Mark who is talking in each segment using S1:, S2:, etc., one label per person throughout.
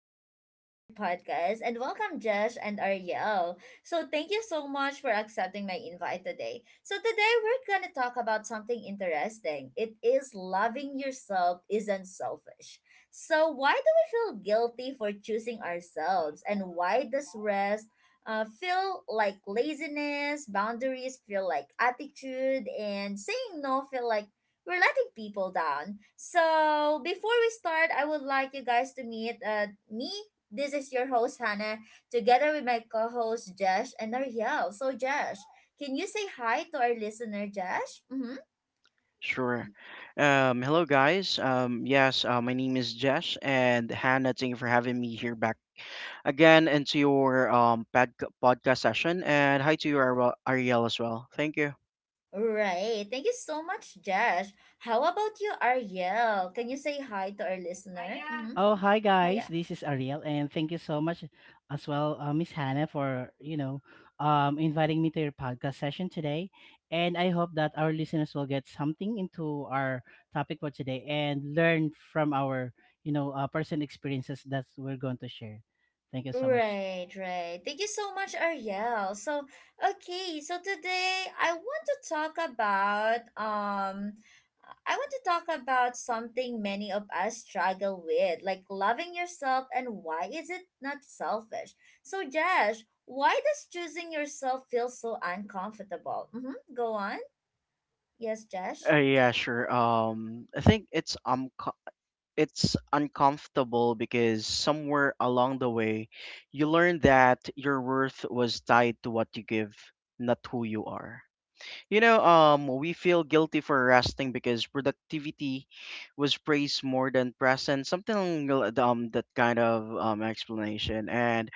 S1: back to another podcast. And welcome, Josh and Ariel. So, thank you so much for accepting my invite today. So, today we're going to talk about something interesting. It is loving yourself isn't selfish. So, why do we feel guilty for choosing ourselves? And why does rest feel like laziness, boundaries feel like attitude, and saying no feel like we're letting people down. So before we start, I would like you guys to meet me. This is your host Hannah, together with my co-host Josh and Ariel. So Josh, can you say hi to our listener, Josh? Mm-hmm.
S2: Sure. Hello, guys. Yes, my name is Jess and Hannah. Thank you for having me here back again into your podcast session. And hi to you, Ariel, as well. Thank you.
S1: Right. Thank you so much, Josh. How about you, Ariel? Can you say hi to our listener? Mm-hmm.
S3: Oh, hi guys.
S1: Hi.
S3: This is Ariel, and thank you so much as well, Miss Hannah, for inviting me to your podcast session today. And I hope that our listeners will get something into our topic for today and learn from our personal experiences that we're going to share. Thank you so much.
S1: Right, right. Thank you so much, Ariel. So, okay, so today I want to talk about something many of us struggle with, like loving yourself and why is it not selfish? So, Josh, why does choosing yourself feel so uncomfortable? Mm-hmm. Go on. Yes, Josh.
S2: Yeah, sure. I think it's it's uncomfortable because somewhere along the way, you learn that your worth was tied to what you give, not who you are. You know, we feel guilty for resting because productivity was praised more than present, that kind of explanation, and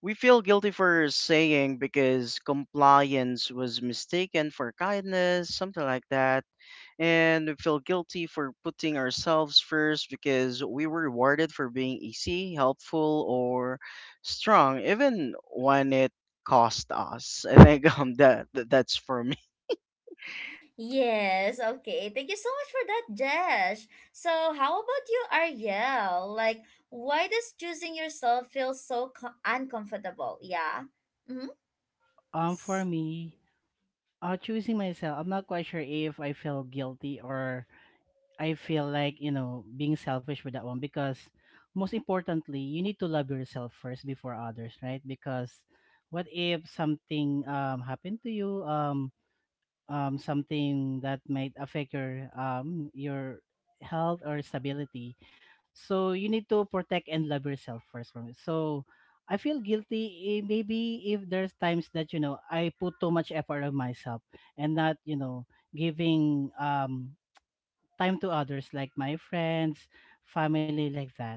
S2: we feel guilty for saying because compliance was mistaken for kindness, something like that, and we feel guilty for putting ourselves first because we were rewarded for being easy, helpful, or strong, even when it cost us. I think that's for me.
S1: Yes, okay. Thank you so much for that, Jesh. So, how about you, Ariel? Like, why does choosing yourself feel so uncomfortable? Yeah. Mm-hmm.
S3: For me, choosing myself, I'm not quite sure if I feel guilty or I feel like, you know, being selfish with that one because most importantly, you need to love yourself first before others, right? Because what if something happened to you something that might affect your health or stability. So you need to protect and love yourself first from it. So I feel guilty eh, maybe if there's times that you know I put too much effort on myself and not, you know, giving time to others like my friends, family like that.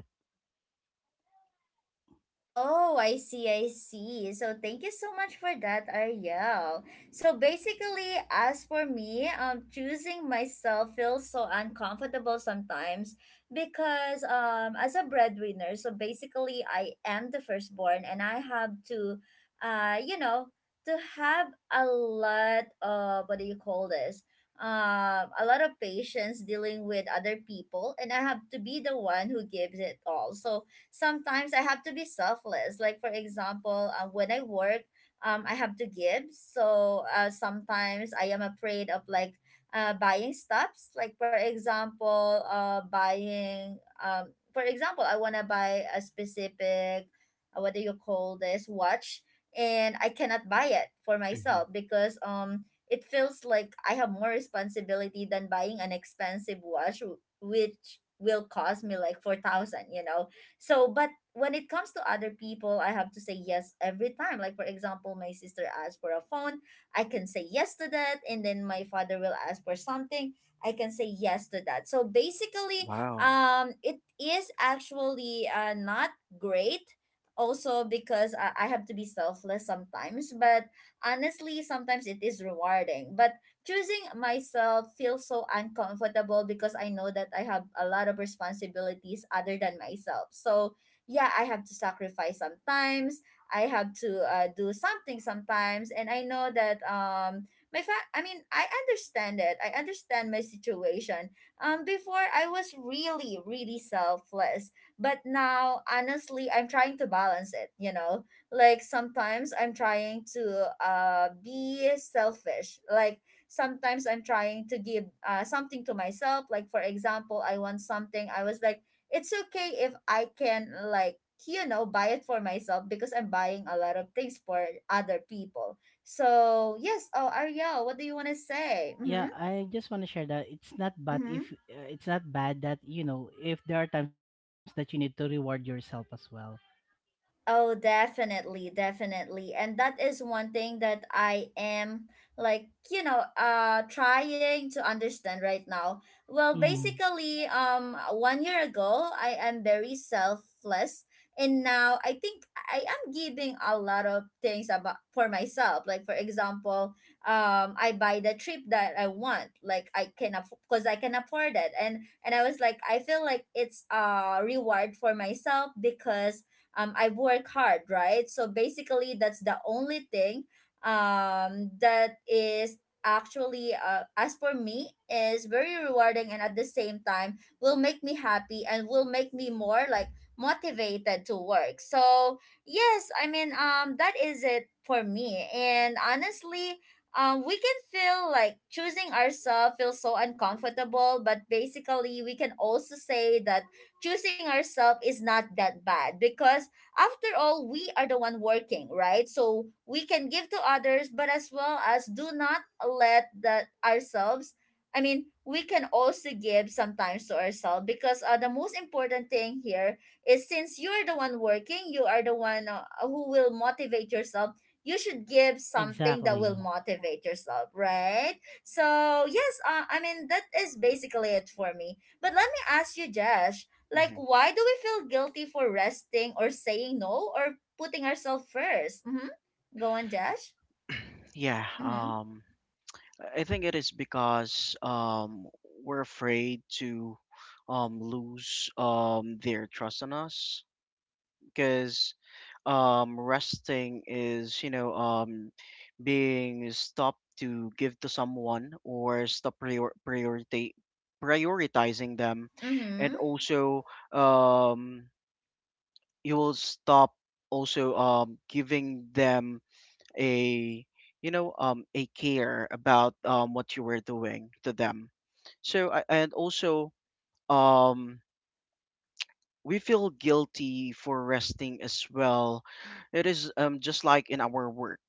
S1: Oh, I see, I see. So thank you so much for that, Ariel. So basically, as for me, choosing myself feels so uncomfortable sometimes because as a breadwinner, so basically I am the firstborn and I have uh, you know, to have a lot of what do you call this? A lot of patience dealing with other people, and I have to be the one who gives it all. So sometimes I have to be selfless. Like for example, when I work, I have to give. So sometimes I am afraid of like buying stuffs. Like for example, buying for example, I wanna buy a specific what do you call this watch, and I cannot buy it for myself because it feels like I have more responsibility than buying an expensive watch, which will cost me like 4,000. So, but when it comes to other people, I have to say yes every time. Like, for example, my sister asked for a phone, I can say yes to that. And then my father will ask for something, I can say yes to that. So, basically,
S2: Wow.
S1: it is actually not great also because I have to be selfless sometimes, but honestly, sometimes it is rewarding. But choosing myself feels so uncomfortable because I know that I have a lot of responsibilities other than myself. So, yeah, I have to sacrifice sometimes. I have to do something sometimes, and I know that I mean, I understand it. I understand my situation. Before I was really, really selfless, but now honestly, I'm trying to balance it. Like sometimes I'm trying to be selfish, like sometimes I'm trying to give something to myself. Like for example, I want something, I was like it's okay if I can like buy it for myself because I'm buying a lot of things for other people. So yes. Oh, Ariel, what do you want to say?
S3: Yeah,
S1: Mm-hmm.
S3: I just want to share that it's not bad
S1: Mm-hmm.
S3: if it's not bad that you know if there are times that you need to reward yourself as well.
S1: Oh, definitely, definitely. And that is one thing that I am like, trying to understand right now. Well,
S3: Mm-hmm.
S1: basically, one year ago, I am very selfless and now I think I am giving a lot of things about for myself. Like for example, I buy the trip that I want. Like I can because I can afford it. And I was like I feel like it's a reward for myself because I work hard, right? So basically, that's the only thing that is actually, as for me, is very rewarding and at the same time will make me happy and will make me more like motivated to work. So yes, I mean, that is it for me. And honestly, we can feel like choosing ourselves feels so uncomfortable, but basically, we can also say that choosing ourselves is not that bad because after all we are the one working, right? So we can give to others, but as well as do not let that ourselves. I mean, we can also give sometimes to ourselves because the most important thing here is since you're the one working, you are the one who will motivate yourself. You should give something that
S3: Exactly.
S1: will motivate yourself, right? So yes, I mean that is basically it for me. But let me ask you, Josh, like,
S2: hmm
S1: why do we feel guilty for resting or saying no or putting ourselves first? Mm-hmm. Go on, Josh.
S2: Yeah,
S1: Mm-hmm.
S2: I think it is because we're afraid to lose their trust in us. Because resting is, you know, being stopped to give to someone or stop priority prioritizing them, and
S1: Mm-hmm.
S2: also um you will stop also giving them a, you know, a care about what you were doing to them. So and also um we feel guilty for resting as well. It is just like in our work,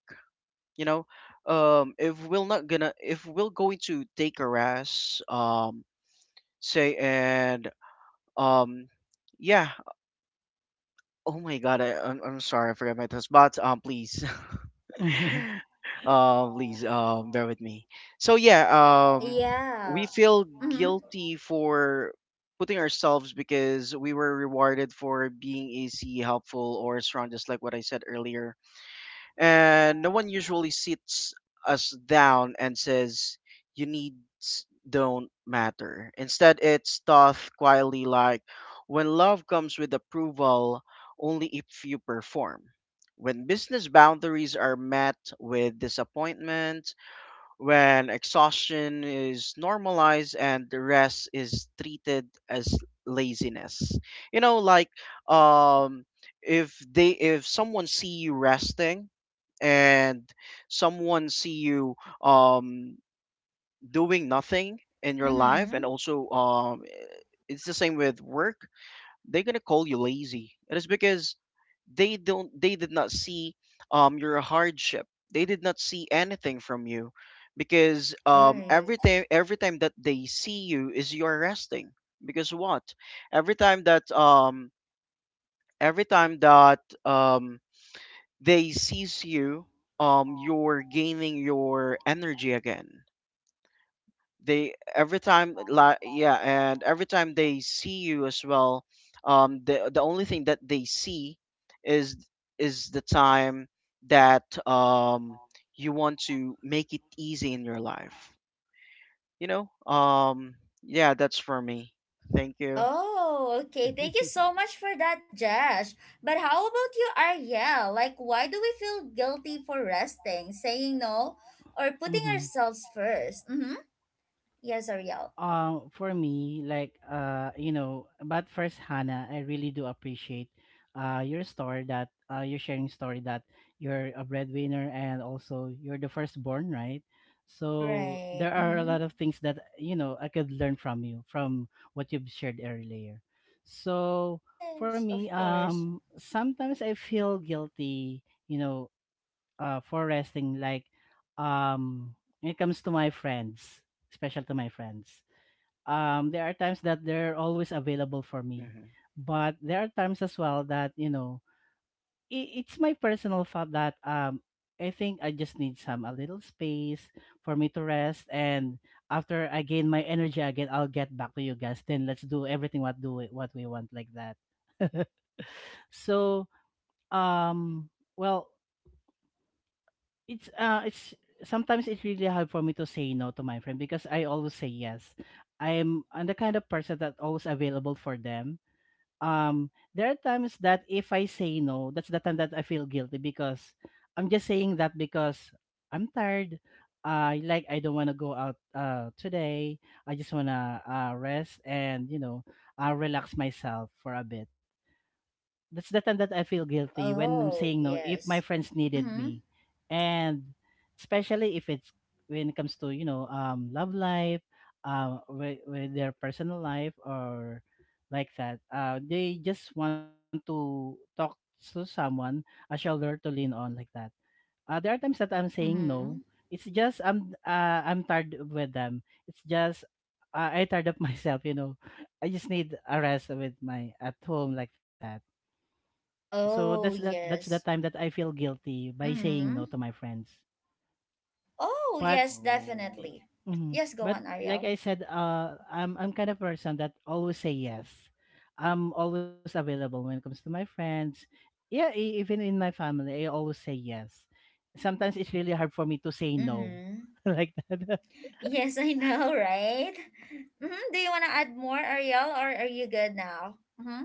S2: you know. If we're going to take a rest, say and um, yeah. Oh my God, I'm sorry, I forgot my thoughts, but please. Please, bear with me. So yeah, we
S1: Yeah.
S2: feel
S1: Mm-hmm.
S2: guilty for putting ourselves because we were rewarded for being easy, helpful, or strong, just like what I said earlier, and no one usually sits us down and says you needs don't matter. Instead, it's taught quietly, like when love comes with approval only if you perform, when business boundaries are met with disappointment, when exhaustion is normalized and the rest is treated as laziness. You know, like, um if someone see you resting, and someone see you um doing nothing in your life, and
S1: Mm-hmm.
S2: also it's the same with work, they're gonna call you lazy. It is because they did not see your hardship, they did not see anything from you, because
S1: Right.
S2: every time that they see you is you are resting. Because what, every time that um every time that they sees you, you're gaining your energy again. They every time like yeah and Every time they see you as well, the only thing that they see is the time that you want to make it easy in your life, you know. Yeah, that's for me. Thank you.
S1: Oh, okay. Thank you so much for that, Josh. But how about you, Ariel? Like, why do we feel guilty for resting, saying no, or putting
S3: Mm-hmm.
S1: ourselves first? Mm-hmm. Yes, Ariel.
S3: For me you know, but first, Hannah, I really do appreciate your story that your sharing story that you're a breadwinner and also you're the firstborn, right? So there
S1: Right.
S3: are a
S1: Mm-hmm.
S3: lot of things that you know I could learn from you from what you've shared earlier. So for
S1: Yes,
S3: me,
S1: of course.
S3: sometimes I feel guilty, you know, for resting, like um when it comes to my friends, special to my friends. There are times that they're always available for me,
S2: hmm
S3: but there are times as well that you know I it's my personal thought that I think I just need some a little space for me to rest, and after I gain my energy again, I'll get back to you guys, then let's do everything what we want, like that. So um well, it's sometimes it's really hard for me to say no to my friend because I always say yes. I'm the kind of person that always available for them. Um, there are times that if I say no, that's the time that I feel guilty because I'm just saying that because I'm tired. Uh, like I don't wanna go out today. I just wanna rest, and you know, relax myself for a bit. That's the time that I feel guilty when I'm
S1: Oh,
S3: saying no if my
S1: yes.
S3: friends needed
S1: Mm-hmm.
S3: me. And especially if it's when it comes to, you know, love life, with their personal life or like that. Uh, they just want to talk to someone, a shoulder to lean on like that. Uh, there are times that I'm saying no.
S1: Mm-hmm.
S3: It's just I'm tired with them. It's just I tired of myself, you know. I just need a rest with my at home like that. So that's
S1: Oh,
S3: that that's the
S1: yes.
S3: time that I feel guilty by saying no
S1: Mm-hmm.
S3: to my friends.
S1: Oh,
S3: But
S1: yes,
S2: oh
S1: definitely.
S3: mm,
S1: Yes, go
S3: but
S1: on,
S3: like
S1: Ariel.
S3: I said, I'm kind of person that always say yes. I'm always available when it comes to my friends. Yeah, e- even in my family, I always say yes. Sometimes it's really hard for me to say no,
S1: Mm-hmm.
S3: like that.
S1: Yes, I know, right? Mm-hmm. Do you want to add more, Ariel, or are you good now? Mm-hmm.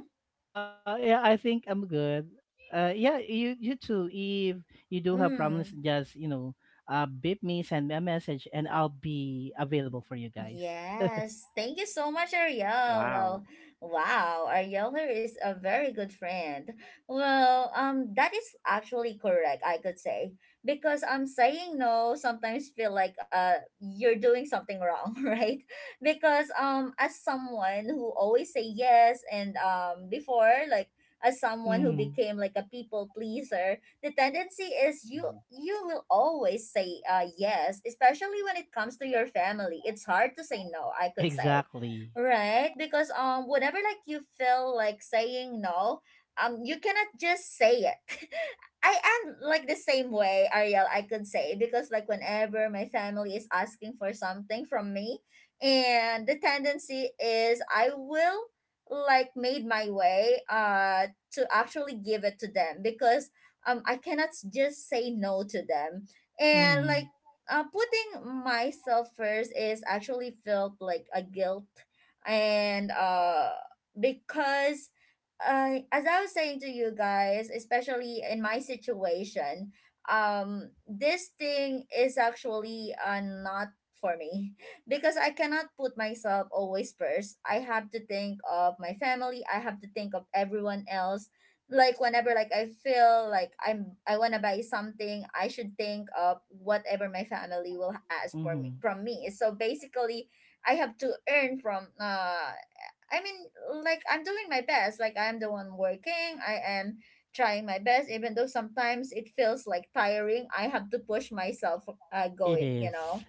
S3: Yeah, I think I'm good. Yeah, you you too. If you do have problems,
S1: Mm.
S3: just you know, beep me, send me a message, and I'll be available for you guys.
S1: Yes, thank you so much, Ariel.
S2: wow.
S1: Well, wow, Ariel here is a very good friend. Well, that is actually correct, I could say, because I'm saying no sometimes feel like you're doing something wrong, right? Because as someone who always say yes, and before like as someone who
S3: Mm-hmm.
S1: became like a people pleaser, the tendency is you
S2: hmm
S1: you will always say yes, especially when it comes to your family. It's hard to say no, I could say.
S3: Exactly.
S1: Right? Because whenever like you feel like saying no, you cannot just say it. I am like the same way, Ariel, I could say, because like whenever my family is asking for something from me, and the tendency is I will like made my way to actually give it to them because I cannot just say no to them. And
S3: Mm-hmm.
S1: like putting myself first is actually felt like a guilt and because as I was saying to you guys, especially in my situation, this thing is actually not for me because I cannot put myself always first. I have to think of my family. I have to think of everyone else like whenever like I feel like I wanna buy something, I should think of whatever my family will ask for
S3: Mm-hmm.
S1: me from me. So basically, I have to earn from I mean like I'm doing my best. Like I'm the one working. I am trying my best even though sometimes it feels like tiring. I have to push myself
S3: It
S1: going, you
S3: is.
S1: know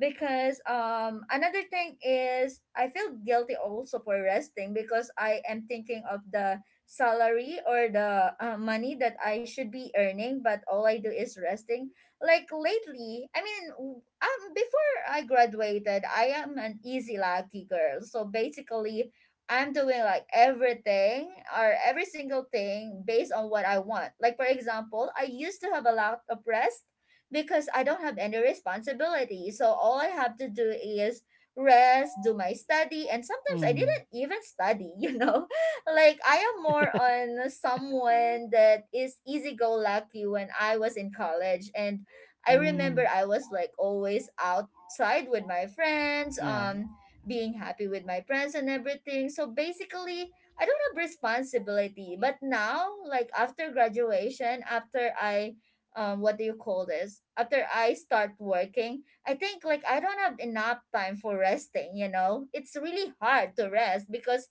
S1: because another thing is I feel guilty also for resting because I am thinking of the salary or the money that I should be earning but all I do is resting. Like lately, I mean, before I graduated I am an easy lucky girl, so basically I'm doing like everything or every single thing based on what I want. Like for example, I used to have a lot of rest because I don't have any responsibility. So all I have to do is rest, do my study, and sometimes I
S3: Mm-hmm.
S1: didn't even study, you know? Like I am more on someone that is easy go lucky when I was in college, and I
S3: Mm,
S1: remember I was like always outside with my friends,
S3: yeah.
S1: being happy with my friends and everything. So basically, I don't have responsibility. But now, like after graduation, after I what do you call this, after I start working, I think like I don't have enough time for resting. It's really hard to rest because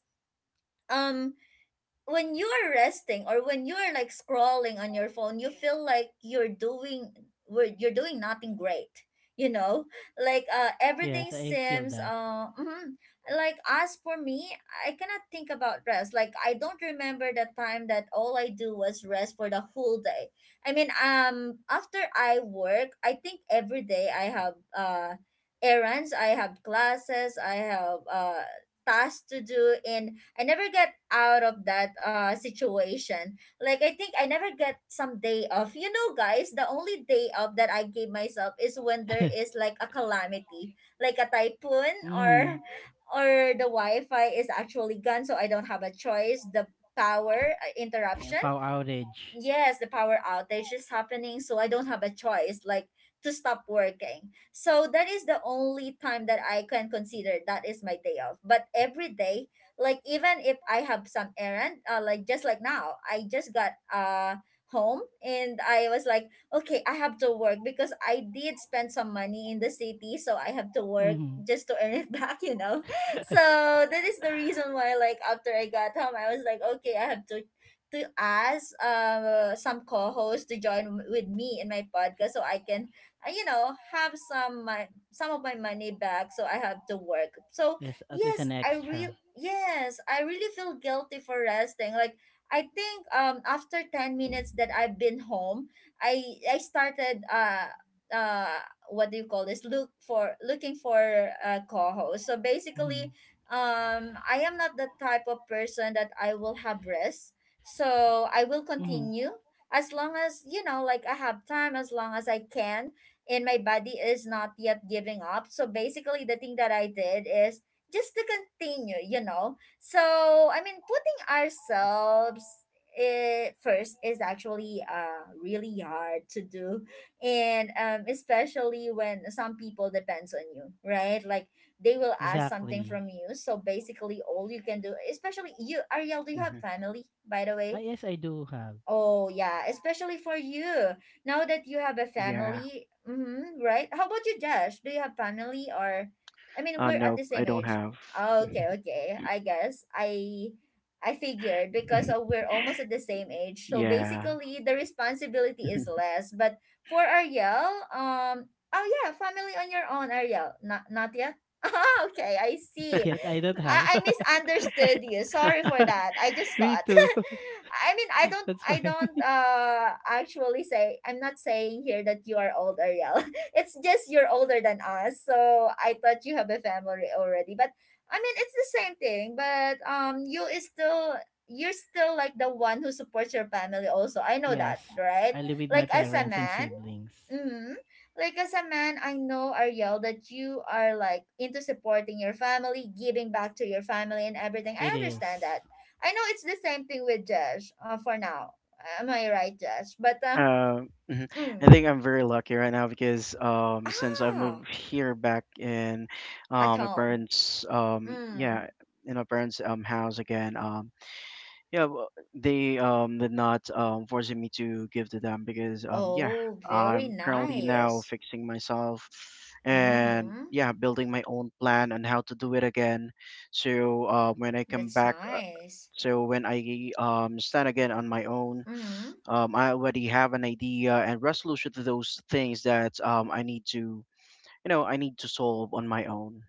S1: um when you're resting or when you're like scrolling on your phone, you feel like you're doing we're- you're doing nothing great, you know, like
S3: Yes,
S1: everything
S3: I feel
S1: seems
S3: that.
S1: mhm. Like as for me, I cannot think about rest. Like I don't remember the time that all I do was rest for the whole day. I mean, after I work, I think every day I have errands, I have classes, I have tasks to do, and I never get out of that situation. Like I think I never get some day off. You know, guys, the only day off that I give myself is when there is like a calamity, like a typhoon,
S3: Mm,
S1: or the Wi-Fi is actually gone, so I don't have a choice. The power
S3: yeah, power
S1: interruption.
S3: outage.
S1: Yes, the power outage is happening, so I don't have a choice, like to stop working. So that is the only time that I can consider that is my day off. But every day, like even if I have some errand, like just like now, I just got home and I was like, okay, I have to work, because I did spend some money in the city, so I have to work
S3: Mm.
S1: just to earn it back, you know. So that is the reason why, like after I got home, I was like, okay, I have to ask some co-hosts to join with me in my podcast so I can you know, have some my, some of my money back, so I have to work. So
S3: Yes, at least
S1: yes,
S3: an
S1: I real
S3: extra.
S1: yes, I really feel guilty for resting. Like I think after 10 minutes that I've been home, I I started uh what do you call this, look for, looking for a co-host. So basically,
S3: Mm.
S1: I am not the type of person that I will have rest, so I
S3: Mm.
S1: will continue as long as, you know, like I have time, as long as I can, and my body is not yet giving up. So basically, the thing that I did is just to continue, you know. So, I mean, putting ourselves first is actually really hard to do, and especially when some people depends on you, right? Like they will ask something
S3: Exactly.
S1: from you. So basically, all you can do, especially you, Ariel, do you have
S2: hmm
S1: family, by the
S3: Ah,
S1: way?
S3: yes, I do have.
S1: Oh, yeah, especially for you now that you have a
S2: yeah.
S1: family, mm-hmm, right? How about you, Josh? Do you have family or I mean, we're at
S2: Nope,
S1: the
S2: I
S1: same
S2: don't
S1: age.
S2: have.
S1: Okay, okay. I guess I figured because we're almost at the same age. So
S2: Yeah.
S1: basically, the responsibility is less. But for Ariel, um oh yeah, family on your own, Ariel. Not not yet. Ah, okay, I
S3: Not
S1: see.
S3: yet. I don't have.
S1: I misunderstood you. Sorry for that. I just
S3: Me
S1: thought.
S3: too.
S1: I mean,
S3: That's
S1: I
S3: fine.
S1: don't, I don't, uh, actually say, I'm not saying here that you are old, Ariel. It's just you're older than us. So I thought you have a family already, but I mean, it's the same thing, but, you is still, you're still like the one who supports your family also. I know that,
S3: Yes,
S1: right?
S3: I live with my
S1: Like as a
S3: parents and
S1: man,
S3: siblings.
S1: mm-hmm. Like as a man, I know, Ariel, that you are like into supporting your family, giving back to your family and everything. I
S3: It
S1: understand
S3: is.
S1: that. I know it's the same thing with Josh. For now, am I right, Josh? But
S2: Um, mhm. I
S1: mm.
S2: think I'm very lucky right now because since I
S1: Ah,
S2: moved here back in,
S1: at
S2: my
S1: home.
S2: parents,
S1: Mm.
S2: yeah, in my parents' house again, yeah, well, they did not, forcing me to give to them because, yeah,
S1: Oh, very
S2: I'm currently now
S1: nice.
S2: fixing myself, and
S1: Mm-hmm.
S2: yeah, building my own plan on how to do it again. So when I come
S1: That's
S2: back,
S1: nice.
S2: so when I, stand again on my own,
S1: Mm-hmm.
S2: I already have an idea and resolution to those things that, I need to, you know, I need to solve on my own.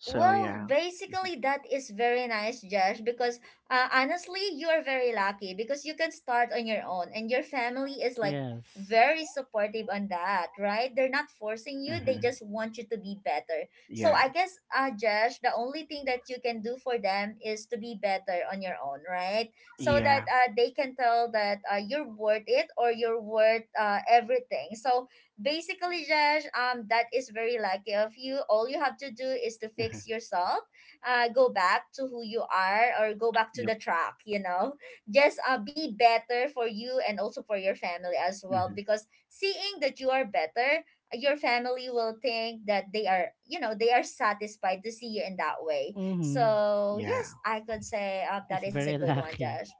S2: So
S1: Well,
S2: yeah,
S1: basically, that is very nice, Josh, because honestly, you are very lucky because you can start on your own, and your family is like
S3: Yes.
S1: very supportive on that, right? They're not forcing you, they
S2: hmm
S1: just want you to be better. So,
S2: yeah,
S1: I guess, Josh, the only thing that you can do for them is to be better on your own, right? So that
S2: yeah,
S1: they can tell that you're worth it, or you're worth everything. So, basically, Josh, that is very lucky of you. All you have to do is to fix
S2: hmm
S1: yourself, go back to who you are, or go back to
S2: yep,
S1: the track, you know. Just be better for you and also for your family as well,
S2: hmm
S1: because seeing that you are better, your family will think that they are, you know, they are satisfied to see you in that way.
S3: Mm-hmm.
S1: So
S2: yeah.
S1: yes, I could say that
S3: He's
S1: is a
S3: very
S1: good one,
S3: lucky.
S1: Josh.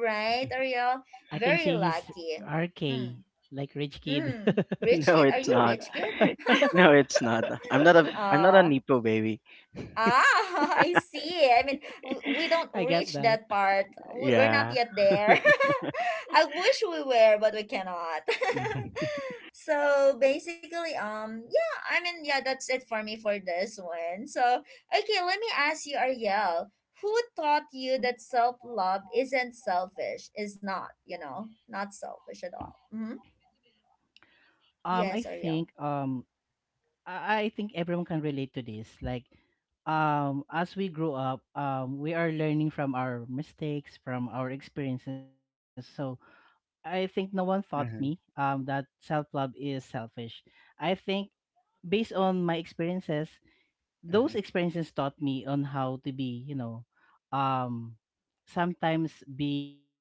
S1: Right, Ariel?
S3: I can
S1: Very
S3: say he's
S1: lucky.
S3: RK,
S1: Hmm.
S3: like rich kid.
S1: Mm. Rich
S2: No,
S1: kid? Are
S2: it's
S1: you
S2: not.
S1: rich kid?
S2: No, it's not. I'm not a. I'm not a
S1: Oh,
S2: nipo baby.
S1: ah, I see. I mean, we don't
S3: I get
S1: reach
S3: that.
S1: that part. We're not
S2: Yeah.
S1: yet there. I wish we were, but we cannot.
S2: Mm-hmm.
S1: So basically, yeah, I mean, yeah, that's it for me for this one. So, okay, let me ask you, Ariel, who taught you
S3: Mhm.
S1: that self love isn't selfish? Is not, you know, not selfish at all. Mm-hmm.
S3: I
S1: Yes,
S3: think
S1: Ariel.
S3: I I think everyone can relate to this. Like, as we grow up, we are learning from our mistakes, from our experiences. So I think no one taught me
S2: hmm
S3: that self love is selfish. I think based on my experiences, those
S2: hmm
S3: experiences taught me on how to be, you know, um, sometimes be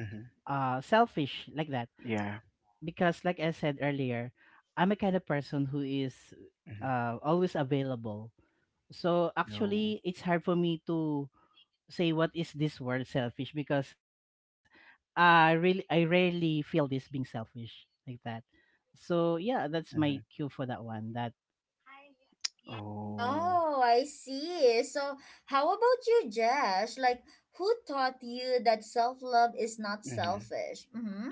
S2: hmm
S3: selfish like that.
S2: Yeah.
S3: Because, like I said earlier, I'm a kind of person who is
S2: hmm
S3: always available. So
S2: No.
S3: actually, it's hard for me to say what is this word selfish because I rarely feel this being selfish like that. So yeah,
S2: hmm
S3: that's my cue for that one. That
S2: Oh.
S1: Oh, I see. So, how about you, Jesh? Like, who taught you that self love is not
S2: hmm
S1: selfish? Mm-hmm.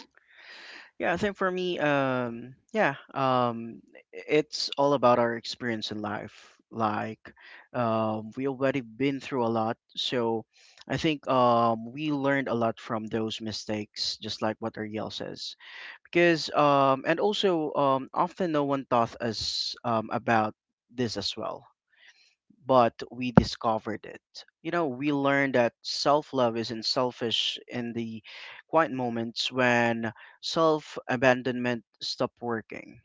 S2: Yeah, I think for me, it's all about our experience in life. Like, we already been through a lot, so I think we learned a lot from those mistakes, just like what Ariel says. Because, often no one taught us about this as well, but we discovered it. You know, we learned that self love isn't selfish in the quiet moments when self abandonment stopped working,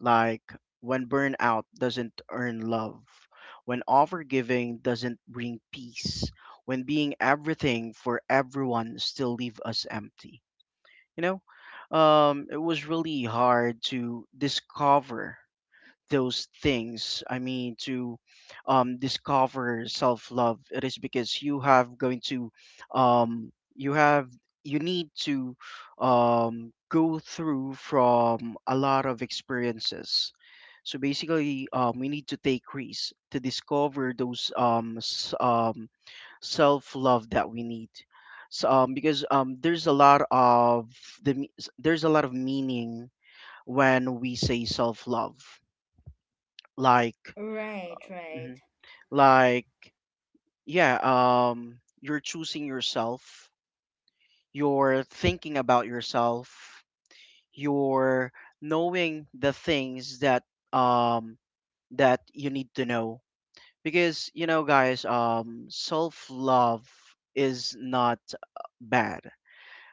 S2: like when burnout doesn't earn love, when overgiving doesn't bring peace, when being everything for everyone still leave us empty. You know, it was really hard to discover those things. I mean to Discover self-love. It is because you have, you need to, go through from a lot of experiences. So basically, we need to take risks to discover those self-love that we need. So, because there's a lot of there's a lot of meaning when we say self-love. Like,
S1: Right, right,
S2: Mhm. Like, yeah, you're choosing yourself, you're thinking about yourself, you're knowing the things that, um that you need to know. Because, you know, guys, self-love is not bad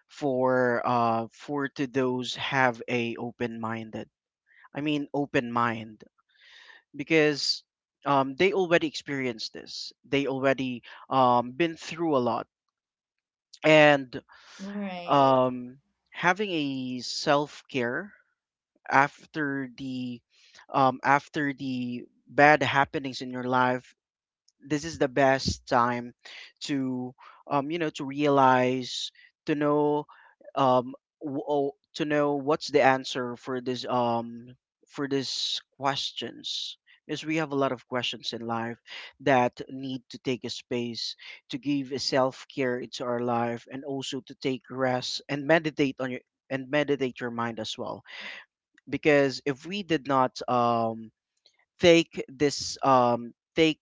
S2: for to those have a open-minded. I mean, open mind, because they already experienced this. They already, been through a lot, and
S1: right,
S2: um, having a self care after the, after the bad happenings in your life, this is the best time to, you know, to realize, to know, um, to know what's the answer for this, for these questions. Because we have a lot of questions in life that need to take a space to give a self-care into our life, and also to take rest and meditate on your, and meditate your mind as well. Because if we did not take this take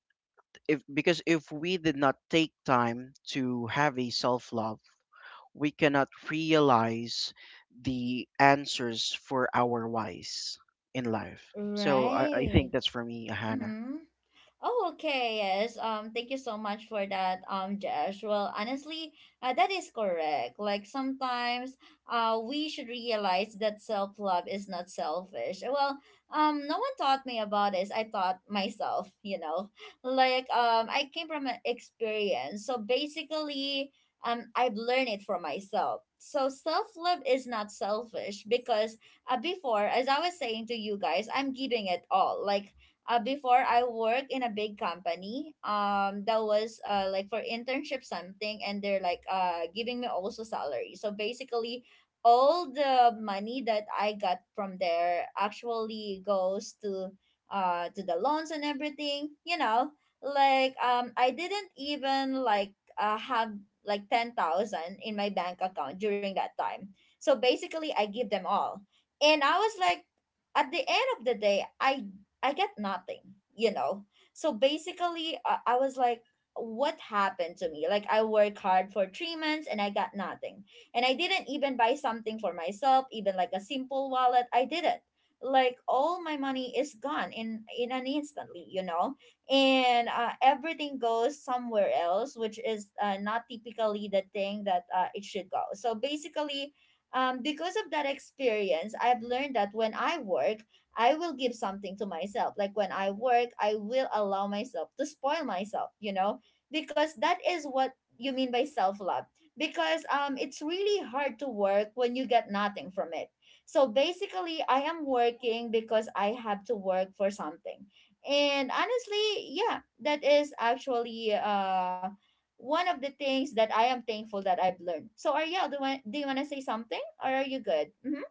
S2: if because if we did not take time to have a self love, we cannot realize the answers for our whys in life. So I
S1: right.
S2: think that's for me, Hannah.
S1: Mm-hmm. Oh, okay. Yes. Thank you so much for that, Josh. Well, honestly, that is correct. Like sometimes, we should realize that self love is not selfish. Well, no one taught me about this. I taught myself. You know, like I came from an experience. So basically, I've learned it for myself. So self love is not selfish because before, as I was saying to you guys, I'm giving it all. Like before I work in a big company. That was like for internship something, and they're like giving me also salary. So basically, all the money that I got from there actually goes to the loans and everything. You know, like I didn't even like have like 10,000 in my bank account during that time. So basically, I give them all, and I was like, at the end of the day, I get nothing, you know. So basically, I was like, what happened to me? Like, I worked hard for 3 months and I got nothing. And I didn't even buy something for myself, even like a simple wallet. I didn't. Like, all my money is gone in an instantly, you know? And everything goes somewhere else, which is not typically the thing that it should go. So basically, because of that experience, I've learned that when I work, I will give something to myself. Like when I work, I will allow myself to spoil myself, you know, because that is what you mean by self love. Because it's really hard to work when you get nothing from it. So basically, I am working because I have to work for something. And honestly, yeah, that is actually one of the things that I am thankful that I've learned. So Ariel, do you want to say something, or are you good? Mm-hmm.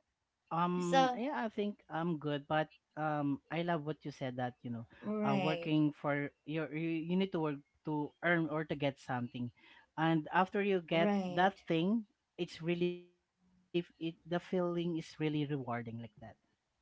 S1: So
S3: Yeah, I think I'm good, but I love what you said that you know,
S1: right.
S3: working for you need to work to earn or to get something, and after you get
S1: Right.
S3: that thing, it's really it the feeling is really rewarding like that.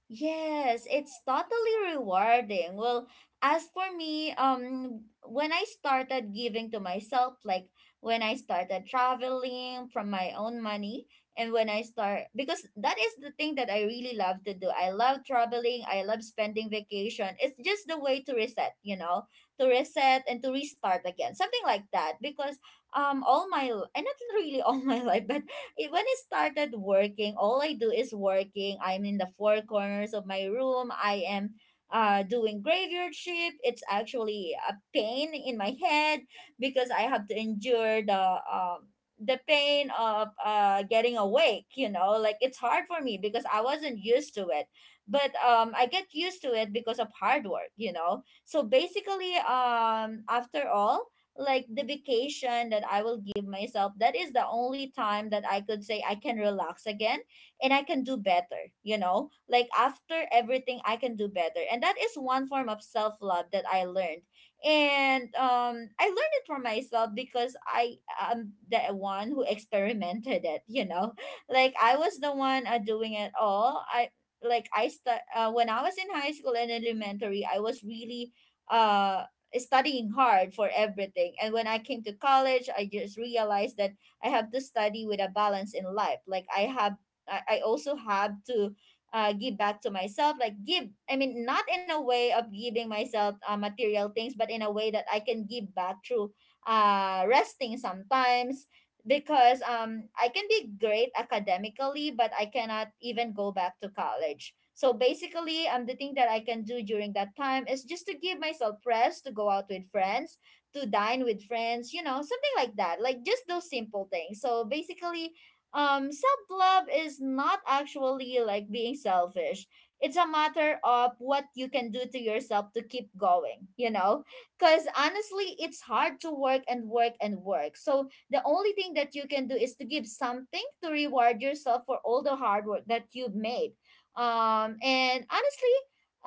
S1: Yes, it's totally rewarding. Well, as for me, when I started giving to myself, like when I started traveling from my own money, and when I start, because that is the thing that I really love to do. I love traveling, I love spending vacation. It's just the way to reset, you know, to reset and to restart again. Something like that, because all my, and not really all my life, but when I started working, all I do is working. I'm in the four corners of my room. I am doing graveyard shift. It's actually a pain in my head because I have to endure the pain of getting awake, you know, like it's hard for me because I wasn't used to it. But I get used to it because of hard work, you know. So basically, after all, like the vacation that I will give myself, that is the only time that I could say I can relax again, and I can do better, you know? Like after everything I can do better. And that is one form of self-love that I learned. And I learned it for myself because I am the one who experimented it, you know? Like I was the one doing it all. I like I start when I was in high school and elementary, I was really uh studying hard for everything. And when I came to college, I just realized that I have to study with a balance in life. Like I have, I also have to give back to myself. Like give, I mean, not in a way of giving myself material things, but in a way that I can give back through resting sometimes, because I can be great academically, but I cannot even go back to college. So basically, the thing that I can do during that time is just to give myself rest, to go out with friends, to dine with friends, you know, something like that. Like just those simple things. So basically, self love is not actually like being selfish. It's a matter of what you can do to yourself to keep going, you know? Because honestly, it's hard to work and work and work. So the only thing that you can do is to give something to reward yourself for all the hard work that you've made. And honestly,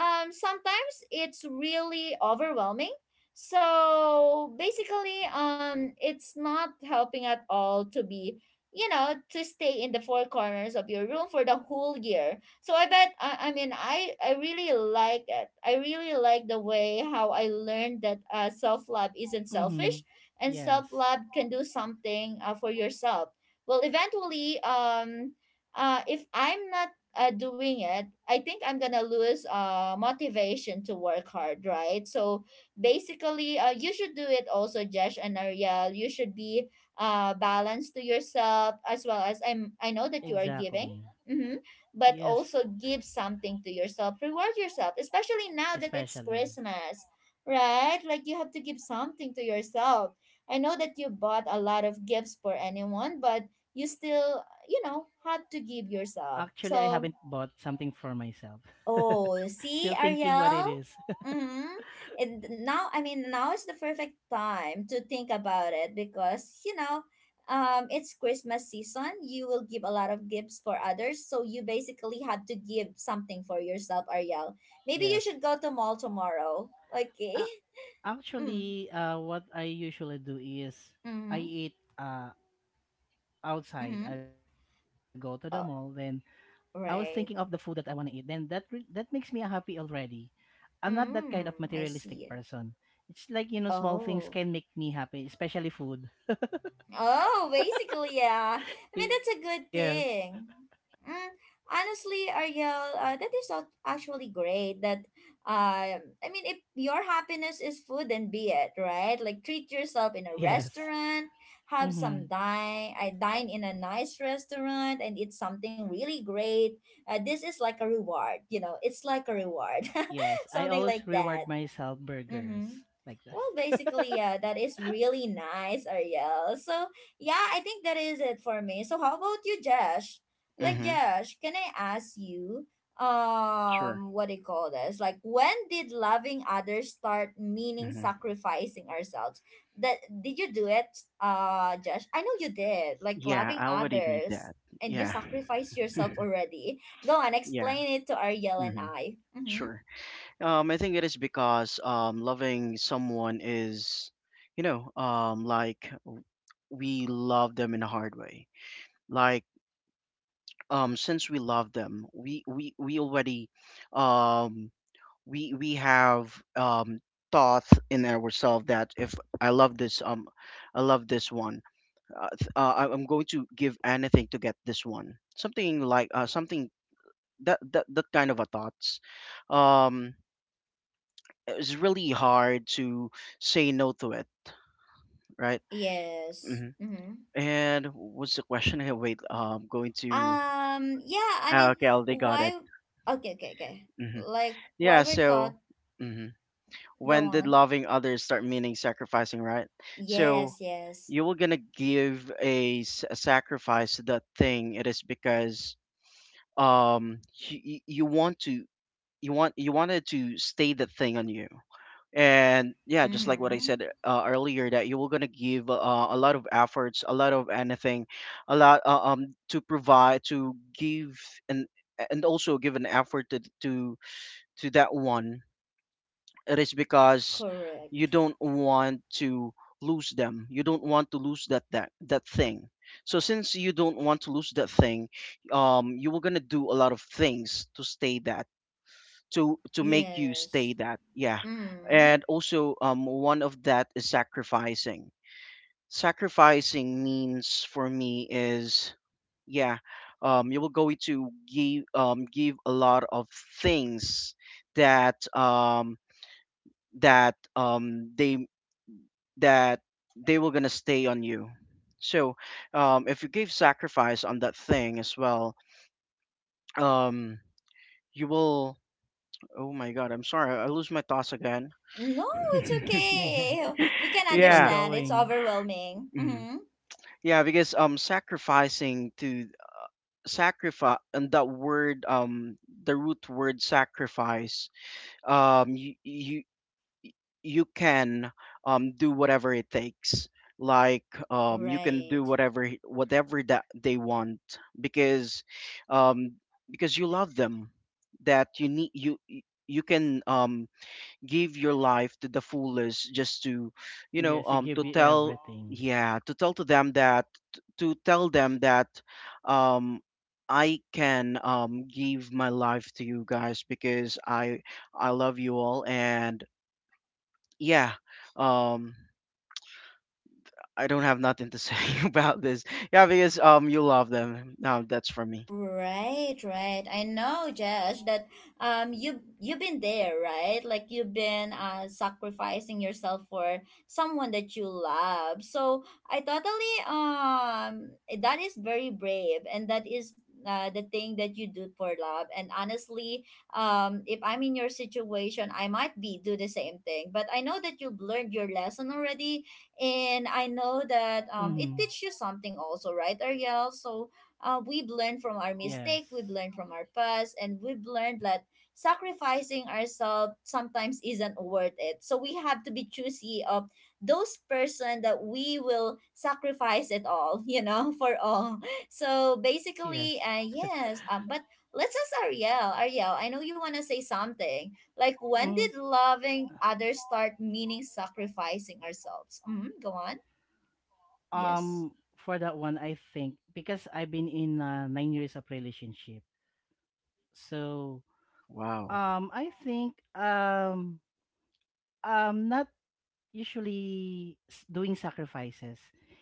S1: sometimes it's really overwhelming. So basically, it's not helping at all to be, you know, to stay in the four corners of your room for the whole year. So I bet I mean, I really like it. I really like the way how I learned that self love isn't selfish
S3: Mm-hmm.
S1: and
S3: Yes.
S1: self love can do something for yourself. Well, eventually, if I'm not doing it, I think I'm gonna lose motivation to work hard, right? So basically, you should do it also, Jesh and Ariel. You should be balanced to yourself as well as I'm. I know that
S3: Exactly.
S1: you are giving. Mm-hmm. But
S3: Yes,
S1: also give something to yourself. Reward yourself, especially now that it's
S3: especially.
S1: Christmas, right? Like you have to give something to yourself. I know that you bought a lot of gifts for anyone, but you still, had to give
S3: Actually, I
S1: yourself.
S3: haven't bought
S1: So,
S3: something for myself.
S1: oh,
S3: Still
S1: see,
S3: thinking what it is.
S1: Ariel? Mm-hmm. And now, I mean, now is the perfect time to think about it because, it's Christmas season. You will give a lot of gifts for others. So you basically have to give something for yourself, Ariel. Maybe you
S3: Yes.
S1: should go to mall tomorrow. Okay.
S3: Uh,
S1: Mm.
S3: Actually, what I usually do is I
S1: Mm-hmm.
S3: eat outside.
S1: Mm-hmm.
S3: I go to the mall, then
S1: Oh,
S3: I was thinking of the food that I
S1: right.
S3: want to eat. Then that makes me happy already. I'm not that kind of
S1: Mm, I
S3: materialistic
S1: see.
S3: person. It's like you know, small things
S1: Oh.
S3: can make me happy, especially food.
S1: Oh, basically, yeah. I mean,
S3: Yes,
S1: that's a good thing. Mm, honestly, Ariel, that is actually great that I mean, if your happiness is food, then be it, right? Like treat yourself in a
S3: yes,
S1: restaurant, have
S3: mm-hmm.
S1: some dine, I dine in a nice restaurant and eat something really great. This is like a reward, you know. It's like a reward.
S3: Yes. I
S1: Something
S3: always
S1: like
S3: reward
S1: that.
S3: myself burgers
S1: Mhm.
S3: like that.
S1: Well, basically, yeah, that is really nice, Ariel. So, yeah, I think that is it for me. So, how about you, Josh? Like,
S2: Mm-hmm.
S1: Josh, can I ask you,
S2: Sure.
S1: what do you call this? Like, when did loving others start meaning
S2: Mm-hmm.
S1: sacrificing ourselves? That did you do it, Josh? I know you did. Like,
S2: Yeah,
S1: loving
S2: I already did
S1: others
S2: that.
S1: and you
S2: Yeah.
S1: sacrifice yourself already. Go on,
S2: Yeah.
S1: explain it to Ariel and
S2: Mm-hmm.
S1: I. Mm-hmm.
S2: Sure. I think it is because loving someone is, you know, we love them in a hard way. Like, since we love them, we already, um we have, thought in ourselves that if i love this um I love this one, I'm going to give anything to get this one, something like something that that kind of a thoughts. um it's really hard to say no to it, right?
S1: Yes.
S2: hmm
S1: Mm-hmm.
S2: and what's the question here, wait, going to
S1: Yeah, I
S2: ah,
S1: mean,
S2: okay, I already got it.
S1: why? Okay, okay, okay.
S2: hmm
S1: Like, why
S2: yeah
S1: we're taught,
S2: so mhm.
S1: go
S2: When did
S1: on.
S2: loving others start meaning sacrificing, right? So
S1: Yes, yes.
S2: you were gonna give a, a sacrifice to that thing. It is because um you want to, you want, you wanted to stay that thing on you. And yeah, just like what I
S1: Mm-hmm.
S2: said earlier, that you were gonna give a lot of efforts, a lot of anything, a lot to provide, to give, and and also give an effort to that one. It is because you
S1: Correct.
S2: don't want to lose them, you don't want to lose that, that thing. So since you don't want to lose that thing, you were gonna do a lot of things to stay that, to make you
S1: Yes.
S2: stay that, yeah.
S1: Mm.
S2: And also, one of that is sacrificing. Sacrificing means for me is, yeah, you will go to give, give a lot of things that, that um they that they were gonna stay on you. So if you give sacrifice on that thing as well, um you will, oh my god, I'm sorry, I lose my thoughts again.
S1: No, it's
S3: Yeah,
S1: okay. We can
S3: keep on
S2: yeah.
S1: understand. It's
S3: going.
S1: overwhelming.
S2: hmm
S1: Mm-hmm.
S2: Yeah, because sacrificing to sacrifice and that word, the root word sacrifice, you, you can, do whatever it takes, like, you can do
S1: Right.
S2: whatever whatever that they want, because, um, you love them, that you need you can, give your life to the fullest just to, you know,
S3: Yes, you give
S2: to
S3: me
S2: tell,
S3: everything.
S2: yeah, to tell them that, um, I can, give my life to you guys because I love you all and yeah, um I don't have nothing to say about this, yeah, because you love them now, that's for me.
S1: Right, right. I know, Josh, that you've been there, right? Like you've been sacrificing yourself for someone that you love. So I totally that is very brave and that is the thing that you do for love and honestly, if I'm in your situation, I might be do the same thing, but I know that you've learned your lesson already. And I know
S3: Mm-hmm.
S1: that it teaches you something also, right, Ariel? So we've learned from
S3: Yes,
S1: our mistake, we've learned from our past, and we've learned that sacrificing ourselves sometimes isn't worth it. So we have to be choosy of those person that we will sacrifice it all, you know, for all. So
S3: yes.
S1: basically, yes, but let's ask Ariel. Ariel, I know you want to say something. Like,
S3: Mm.
S1: when did loving others start meaning sacrificing ourselves? Mm-hmm, go on.
S3: Um,
S1: Yes.
S3: for that one, I think because I've been in 9 years of relationship, so
S2: Wow.
S3: I think I'm not usually s- doing sacrifices.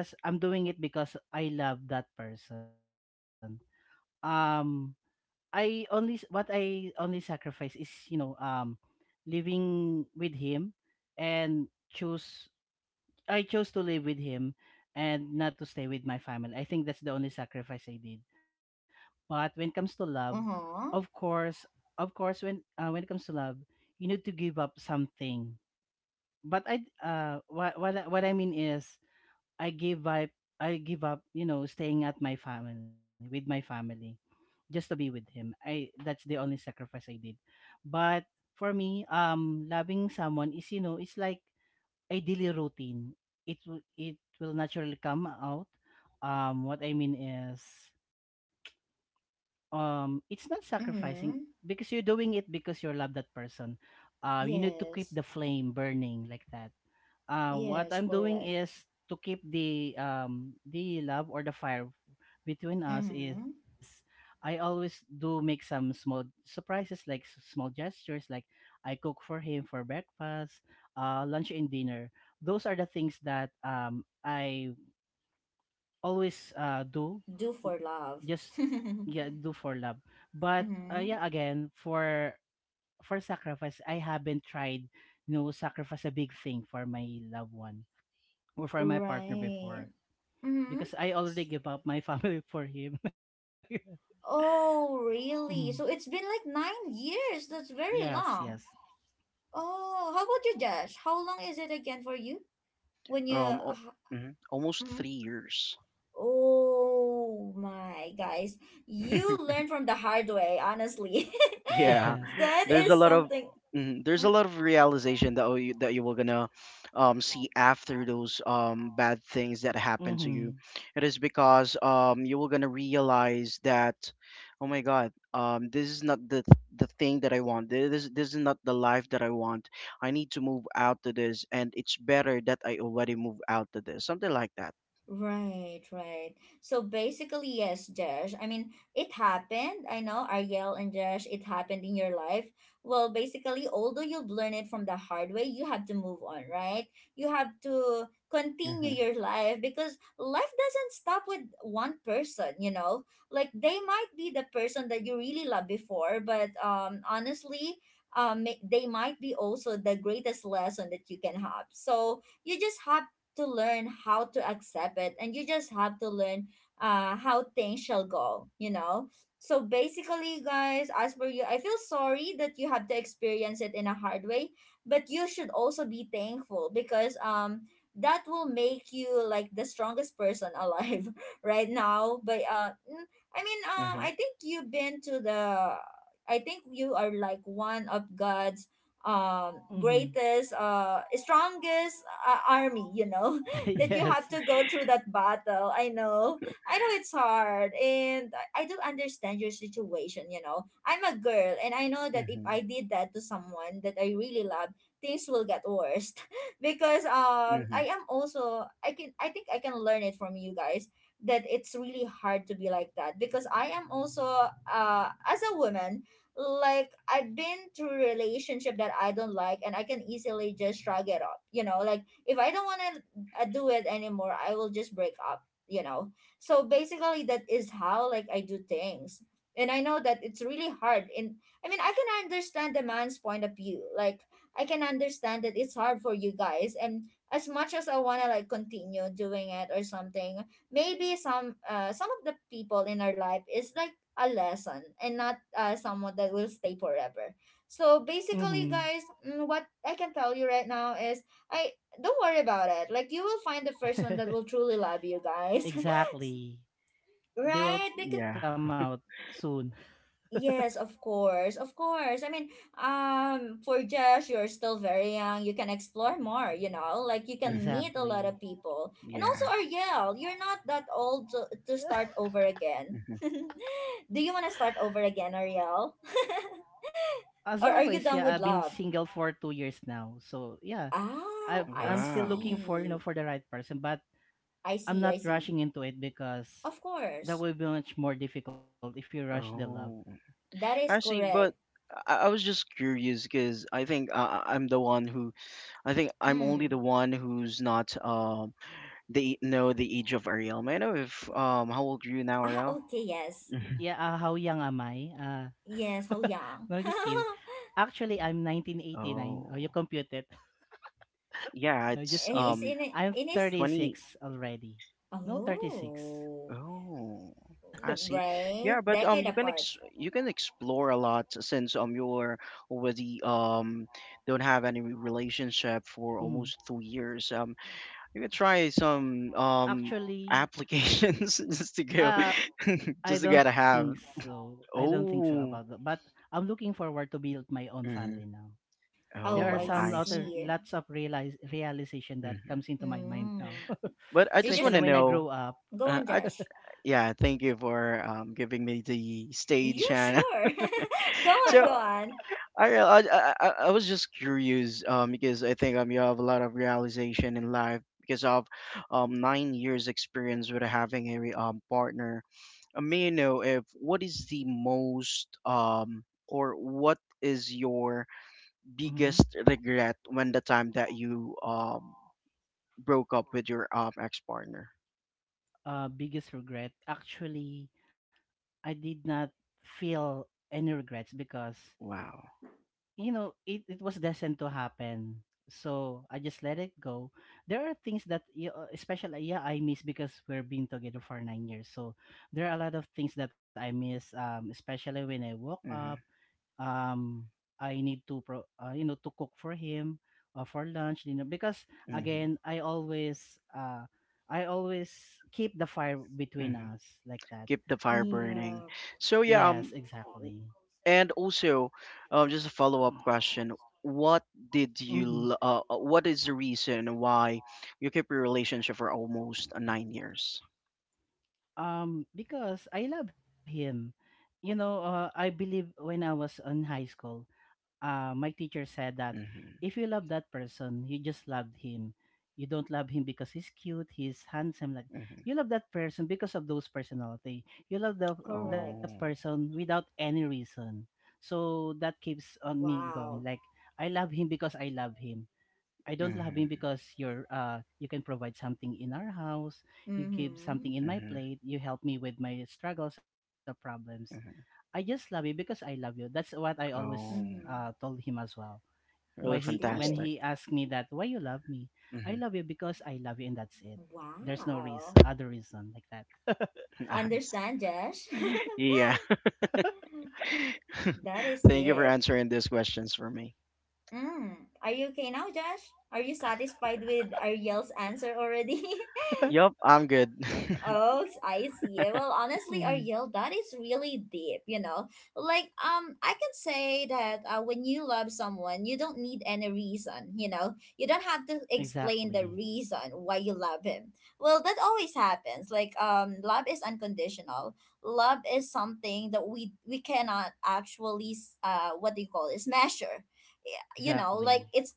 S3: It's just I'm doing it because I love that person. Um, what I only sacrifice is you know living with him and choose I chose to live with him and not to stay with my family. I think that's the only sacrifice I did. But when it comes to love,
S1: Uh
S3: of
S1: huh.
S3: course, of course, when it comes to love, you need to give up something. But I what I mean is I give up I give up you know staying at my family with my family just to be with him. I that's the only sacrifice I did. But for me, loving someone is you know it's like a daily routine. It will naturally come out. What I mean is it's not
S1: Mm
S3: sacrificing
S1: hmm.
S3: because you're doing it because you love that person. Uh, you need to keep
S1: Yes.
S3: the flame burning like that. Uh, what
S1: Yes,
S3: I'm doing
S1: correct.
S3: is to keep the love or the fire between us
S1: Mm-hmm.
S3: is I always do make some small surprises like s- small gestures, like I cook for him for breakfast, lunch and dinner. Those are the things that I always do,
S1: Do for
S3: just
S1: love.
S3: yeah, do
S1: Mm-hmm.
S3: for love. But yeah, again, for sacrifice I haven't tried, you know, sacrifice a big thing for my loved one or for my partner
S1: Right.
S3: before,
S1: Mm-hmm.
S3: because I already give up my family for him.
S1: Oh,
S3: Mm.
S1: really? So it's been like 9 years. That's very
S3: Yes, yes.
S1: long. Oh, how about you, Josh? How long is it again for you? When you.
S2: um al- mhm, almost
S1: Mm.
S2: 3 years.
S1: Oh my, guys. You learn from the hard way, honestly.
S2: Yeah,
S3: Yes.
S1: That
S2: there's a
S1: is
S2: lot of
S1: something.
S2: mhm, there's a lot of realization that, oh, you, that you were gonna, see after those, bad things that happened to
S3: Mm-hmm.
S2: you. It is because, you were gonna realize that, oh my God, this is not the, the thing that I want. This is not the life that I want. I need to move out to this, and it's better that I already move out to this. Something like that.
S1: Right, right. So basically, yes, Josh. I mean, it happened. I know, Ariel and Josh, it happened in your life. Well, basically, although you've learned it from the hard way, you have to move on, right? You have to continue
S2: Mm-hmm.
S1: your life because life doesn't stop with one person, you know? Like, they might be the person that you really loved before, but honestly, they might be also the greatest lesson that you can have. So you just have to learn how to accept it and you just have to learn how things shall go, you know. So basically, guys, as for you, I feel sorry that you have to experience it in a hard way, but you should also be thankful because that will make you like the strongest person alive right now. But I mean,
S2: Mm-hmm.
S1: I think you've been to the, I think you are like one of God's
S3: Mm-hmm.
S1: greatest strongest army, you know, that you have
S3: Yes.
S1: to go through that battle. I know, I know it's hard, and I do understand your situation, you know. I'm a girl and I know that if
S2: Mm-hmm.
S1: I did that to someone that I really love, things will get worse because
S2: Mm-hmm.
S1: I am also, I can, I think I can learn it from you guys, that it's really hard to be like that because I am also as a woman. Like I've been through relationship that I don't like and I can easily just shrug it off. You know, like if I don't want to do it anymore, I will just break up, you know. So basically that is how like I do things. And I know that it's really hard. And I mean, I can understand the man's point of view. Like I can understand that it's hard for you guys, and as much as I want to like continue doing it or something, maybe some of the people in our life is like a lesson and not someone that will stay forever. So basically,
S3: Mm-hmm.
S1: guys, mm, what I can tell you right now is I don't worry about it. Like you will find the first one that will truly love you, guys.
S3: Exactly. They will
S1: Right? Because
S2: Yeah.
S3: come out soon.
S1: yes, of course, of course. I mean, for Josh, you're still very young. You can explore more. You know, like you can
S2: Mm-hmm.
S1: meet a lot
S3: Exactly.
S1: of people. And also,
S2: Yeah.
S1: Ariel, you're not that old to start over again.
S2: Mm-hmm.
S1: Do you want to start over again, Ariel?
S3: As always,
S1: Or are
S3: yeah,
S1: you
S3: I've
S1: done
S3: been
S1: with
S3: single
S1: love?
S3: for 2 years now. So yeah, I
S1: Oh,
S3: I'm
S1: I
S3: still looking
S2: Wow.
S3: for you know
S1: see.
S3: for the right person, but
S1: I
S3: I'm
S1: see,
S3: not
S1: I see.
S3: rushing into it because
S1: Of
S3: that
S1: course.
S3: will be much more difficult if you rush the love.
S2: Oh,
S1: That is
S2: but
S1: correct.
S2: I was just curious because I think I'm the one who I think I'm only
S1: Mm.
S2: the one who's not the know the age of Ariel. May I know if how old are you now,
S1: Ah,
S2: Ariel?
S1: okay, yes.
S2: Mhm.
S3: Yeah, how young am I?
S1: Yes, how young.
S3: No, just kidding. Actually, I'm 1989. Oh,
S2: Oh,
S3: you compute it.
S2: yeah,
S3: No,
S2: it's
S3: just kidding.
S1: He's in a-
S3: I'm
S1: in his
S2: 20.
S1: he,
S3: 36 already. No, 36.
S1: Oh.
S2: Oh, I see.
S1: Right?
S2: Yeah, but
S1: Decade
S2: you can
S1: apart.
S2: ex you can explore a lot since you're already don't have any relationship for
S3: Mm.
S2: almost 2 years. You could try some
S3: Actually,
S2: applications just to
S3: uh, I
S2: just to
S3: don't
S2: gotta
S3: think
S2: have.
S3: so. I don't think so about that.
S2: Oh,
S3: But I'm looking forward to build my own
S2: hmm
S3: family now. There
S1: Oh,
S3: are
S2: oh,
S1: I
S3: some
S2: I see.
S3: other
S1: see.
S3: lots of realize realization that
S2: hmm
S3: comes into my mind now,
S1: Mm.
S2: But I
S1: You
S2: just
S1: just
S2: want
S3: especially
S2: to
S3: when I
S2: know.
S3: grow up.
S1: go
S2: Uh,
S1: on,
S2: I j-
S1: Josh.
S2: yeah, thank you for giving me the stage,
S1: You
S2: Hannah.
S1: sure? Go on,
S2: So
S1: go on.
S2: I, re- I was just curious because I think you have a lot of realization in life because of 9 years experience with having a partner. May I know if what is the most or what is your
S3: Hmm.
S2: biggest regret when the time that you broke up with your ex partner?
S3: Biggest regret. Actually, I did not feel any regrets because
S2: Wow.
S3: you know it was destined to happen, so I just let it go. There are things that especially yeah I miss because we're being together for 9 years. So there are a lot of things that I miss especially when I woke up,
S2: Mhm.
S3: um, I need to pro, you know, to cook for him for lunch, you know, because again
S2: Mhm.
S3: I always I always keep the fire between
S2: Mhm.
S3: us like that.
S2: Keep the fire burning.
S1: Yeah,
S2: So yeah,
S3: Yes,
S2: w-
S3: exactly.
S2: and also just a follow-up question. What did you
S3: Hmm.
S2: what is the reason why you kept your relationship for almost 9 years?
S3: Because I love him. You know, I believe when I was in high school, my teacher said that
S2: Mhm.
S3: if you love that person, you just loved him. You don't love him because he's cute, he's handsome. Like
S2: Mhm.
S3: you love that person because of those personality. You love the
S1: correct.
S2: Oh.
S3: person without any reason. So that keeps on me going.
S1: Wow.
S3: Like I love him because I love him. I don't love him
S2: Mhm.
S3: because you can provide something in our house, you give
S1: Mm-hmm.
S3: something in my
S2: Mhm,
S3: plate, you help me with my struggles or problems.
S2: mhm.
S3: I just love you because I love you. That's what I always
S2: Oh,
S1: Mm-hmm.
S3: told him as well. Why
S2: really
S1: That's
S3: he when
S1: deep.
S2: fantastic.
S3: he asked me that why you love me, I
S2: Mhm,
S3: love you because I love you and that's it. There's no
S1: Wow.
S3: reason other reason like that.
S2: Nice.
S1: Understand, Josh?
S2: Yeah.
S1: That is
S2: Thank you for
S1: deep.
S2: answering these questions for me.
S1: Mm. Are you okay now, Josh? Are you satisfied with Ariel's answer already?
S2: Yup, I'm good.
S1: Oh, I see. Well, honestly,
S3: Mhm.
S1: Ariel, that is really deep, you know. Like, I can say that when you love someone, you don't need any reason, you know. You don't have to explain the
S3: Exactly.
S1: reason why you love him. Well, that always happens. Like, love is unconditional. Love is something that we cannot actually what do you call this, measure. Yeah. You know, like
S3: Exactly.
S1: it's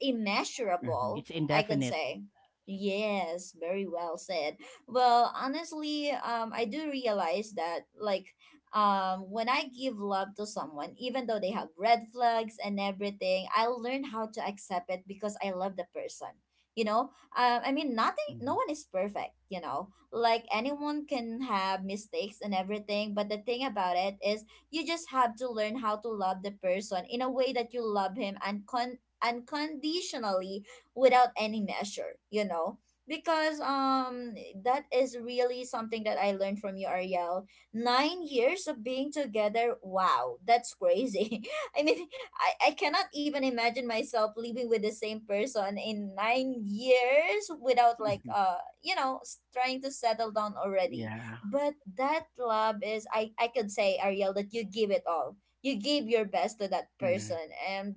S2: Mhm,
S3: It's
S1: immeasurable, I could
S3: indefinite.
S1: say. Yes, very well said. Well, honestly, I do realize that like when I give love to someone, even though they have red flags and everything, I learn how to accept it because I love the person. You know, I mean, nothing, no
S2: mhm,
S1: one is perfect, you know, like anyone can have mistakes and everything. But the thing about it is, you just have to learn how to love the person in a way that you love him and con unconditionally without any measure, you know, because that is really something that I learned from you, Ariel. 9 years of being together, wow, that's crazy. I mean, I cannot even imagine myself living with the same person in 9 years without like
S2: mhm.
S1: you know trying to settle down already.
S2: Yeah.
S1: But that love is, I could say, Ariel, that you give it all. You give your best to that person,
S2: Mhm,
S1: and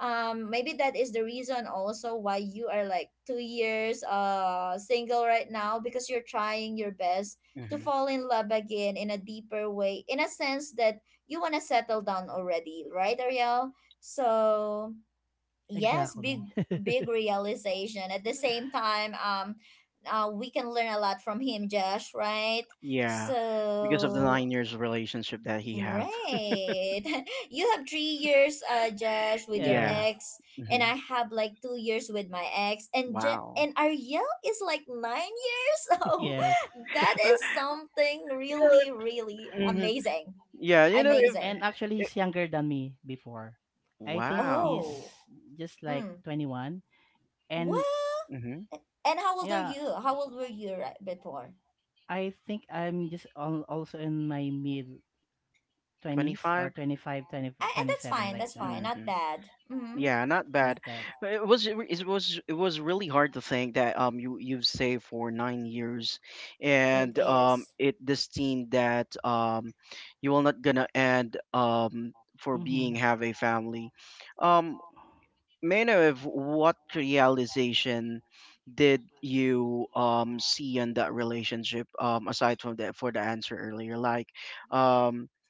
S1: maybe that is the reason also why you are like 2 years single right now, because you're trying your best to
S2: mhm.
S1: fall in love again in a deeper way, in a sense that you want to settle down already, right, Ariel? So yes,
S3: Exactly.
S1: big, big realization. At the same time, we can learn a lot from him, Josh, right?
S2: Yeah. Because of the
S1: So
S2: 9 years of relationship that he have.
S1: right. You have 3 years, Josh, with your
S3: Yes.
S2: Yeah.
S1: ex, and
S2: Mhm.
S1: I have like 2 years with my ex, and
S2: Wow.
S1: and Ariel is like 9 years. So
S3: Yes.
S1: that
S2: Uh,
S1: is something
S2: you know,
S1: really, really
S2: if, mhm.
S1: amazing.
S2: Yeah, you know
S3: And
S2: if
S3: actually,
S1: Amazing.
S3: he's younger than me before. I think he's
S2: wow.
S1: Oh.
S3: just like
S1: Mm.
S3: 21. And
S1: Well.
S2: Mhm.
S1: And how old are
S3: yeah,
S1: you? How old were you right before?
S3: I think I'm just also in my mid 20s, or twenty
S2: 25.
S3: five, twenty twenty seven, like
S1: That's
S3: that.
S1: fine. That's fine. Not
S2: Mhm.
S1: bad. Mm-hmm.
S2: Yeah, not
S3: Like
S2: bad.
S3: that.
S2: But it was really hard to think that you you've saved for 9 years,
S1: It
S2: and
S1: is.
S2: it this team that you will not gonna end for
S3: Mm-hmm.
S2: being have a family. Um, may I know if what realization did you see in that relationship aside from that for the answer earlier like um
S3: Mm.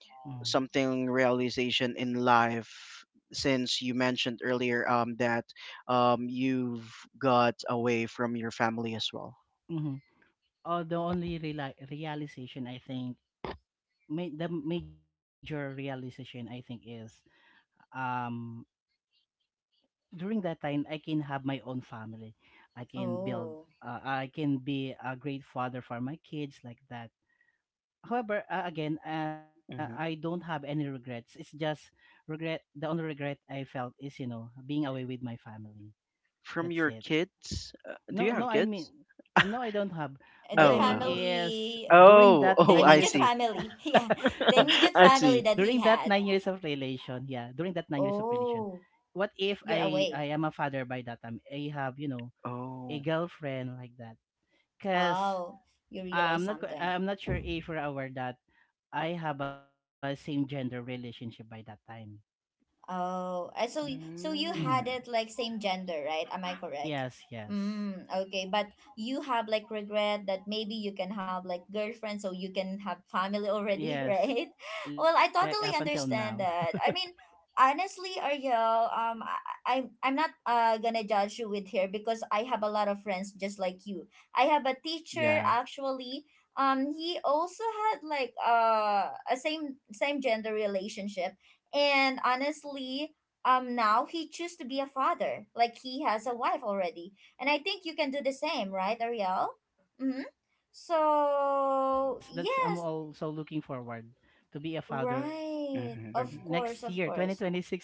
S2: something realization in life since you mentioned earlier that you've got away from your family as well.
S3: Mm-hmm. Oh, the only realization I think, the major realization I think is, um during that time I can have my own family. I can build
S1: Oh.
S3: I can be a great father for my kids, like that. However, again, I don't
S2: hmm
S3: have any regrets. It's just regret the only regret I felt is, being away with my family.
S2: from
S3: That's
S2: your
S3: it.
S2: kids, do you
S3: No, no,
S2: have
S3: I mean,
S2: kids?
S3: no, I don't have.
S1: And
S3: What
S1: the
S3: I
S2: oh
S3: mean
S2: uh,
S3: is
S1: family,
S3: during
S2: oh,
S3: that
S1: the
S2: oh,
S3: 9
S2: I
S3: years
S1: immediate
S3: of,
S2: see.
S1: family. Yeah. The
S3: during
S1: immediate
S2: I
S3: that 9
S1: family
S2: see.
S3: years
S1: that
S3: of
S1: he had.
S3: relation, yeah, during that 9 years of relation,
S1: Oh,
S3: what if I
S1: you're
S3: I am a
S1: away.
S3: father by that time? I have a
S2: oh
S3: girlfriend, like that, because
S1: Oh, you realize
S3: i'm not qu-
S1: something.
S3: i'm not sure if you're aware that I have a same gender relationship by that time.
S1: Oh, so so
S3: Hmm.
S1: you had
S2: mm,
S1: it like same gender, right? Am I correct?
S3: Yes. Yes.
S1: Mm, okay, but you have like regret that maybe you can have like girlfriend so you can have family already,
S3: Yes,
S1: right?
S3: like
S1: Well,
S3: up
S1: I
S3: until
S1: totally
S3: now.
S1: understand that. I mean, honestly, Ariel, um, I, I'm not gonna judge you with here because I have a lot of friends just like you. I have a teacher
S2: yeah.
S1: actually. He also had like a same gender relationship, and honestly, now he choose to be a father. Like he has a wife already, and I think you can do the same, right, Ariel? Mm-hmm.
S3: Yes,
S1: So
S3: that's I'm
S1: yes.
S3: also looking forward to be a father next
S1: Right,
S3: year
S1: of
S2: hmm
S3: 2026.
S1: course,
S3: I
S1: of
S3: look for a
S1: course.
S3: girlfriend.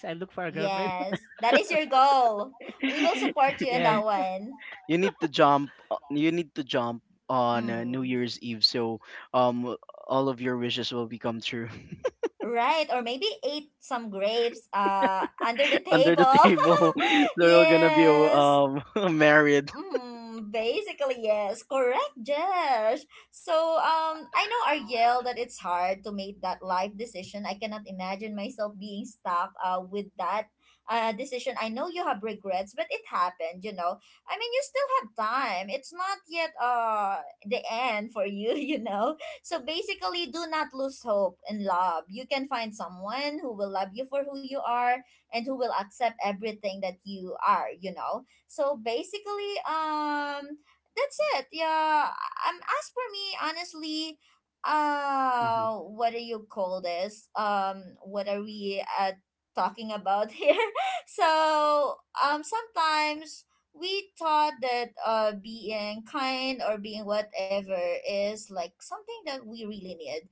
S1: Yes, that is your goal. We will
S3: Yes.
S1: support you in that one.
S2: you need to jump on, new
S1: Mm.
S2: year's eve, so um all of your wishes will become true.
S1: Right, or maybe eat some grapes under the
S2: Under the
S1: table.
S2: table. They're all gonna be
S1: Yes.
S2: married.
S1: Mm, basically, yes. Correct, Josh. So, I know, Ariel, that it's hard to make that life decision. I cannot imagine myself being stuck with that decision. I know you have regrets, but it happened, you know. I mean, you still have time. It's not yet the end for you, you know. So, basically, do not lose hope in love. You can find someone who will love you for who you are and who will accept everything that you are, so basically, that's it. Yeah. As for me, honestly,
S2: Mm-hmm,
S1: what do you call this? What are we talking about here? So, sometimes we thought that being kind or being whatever is like something that we really need.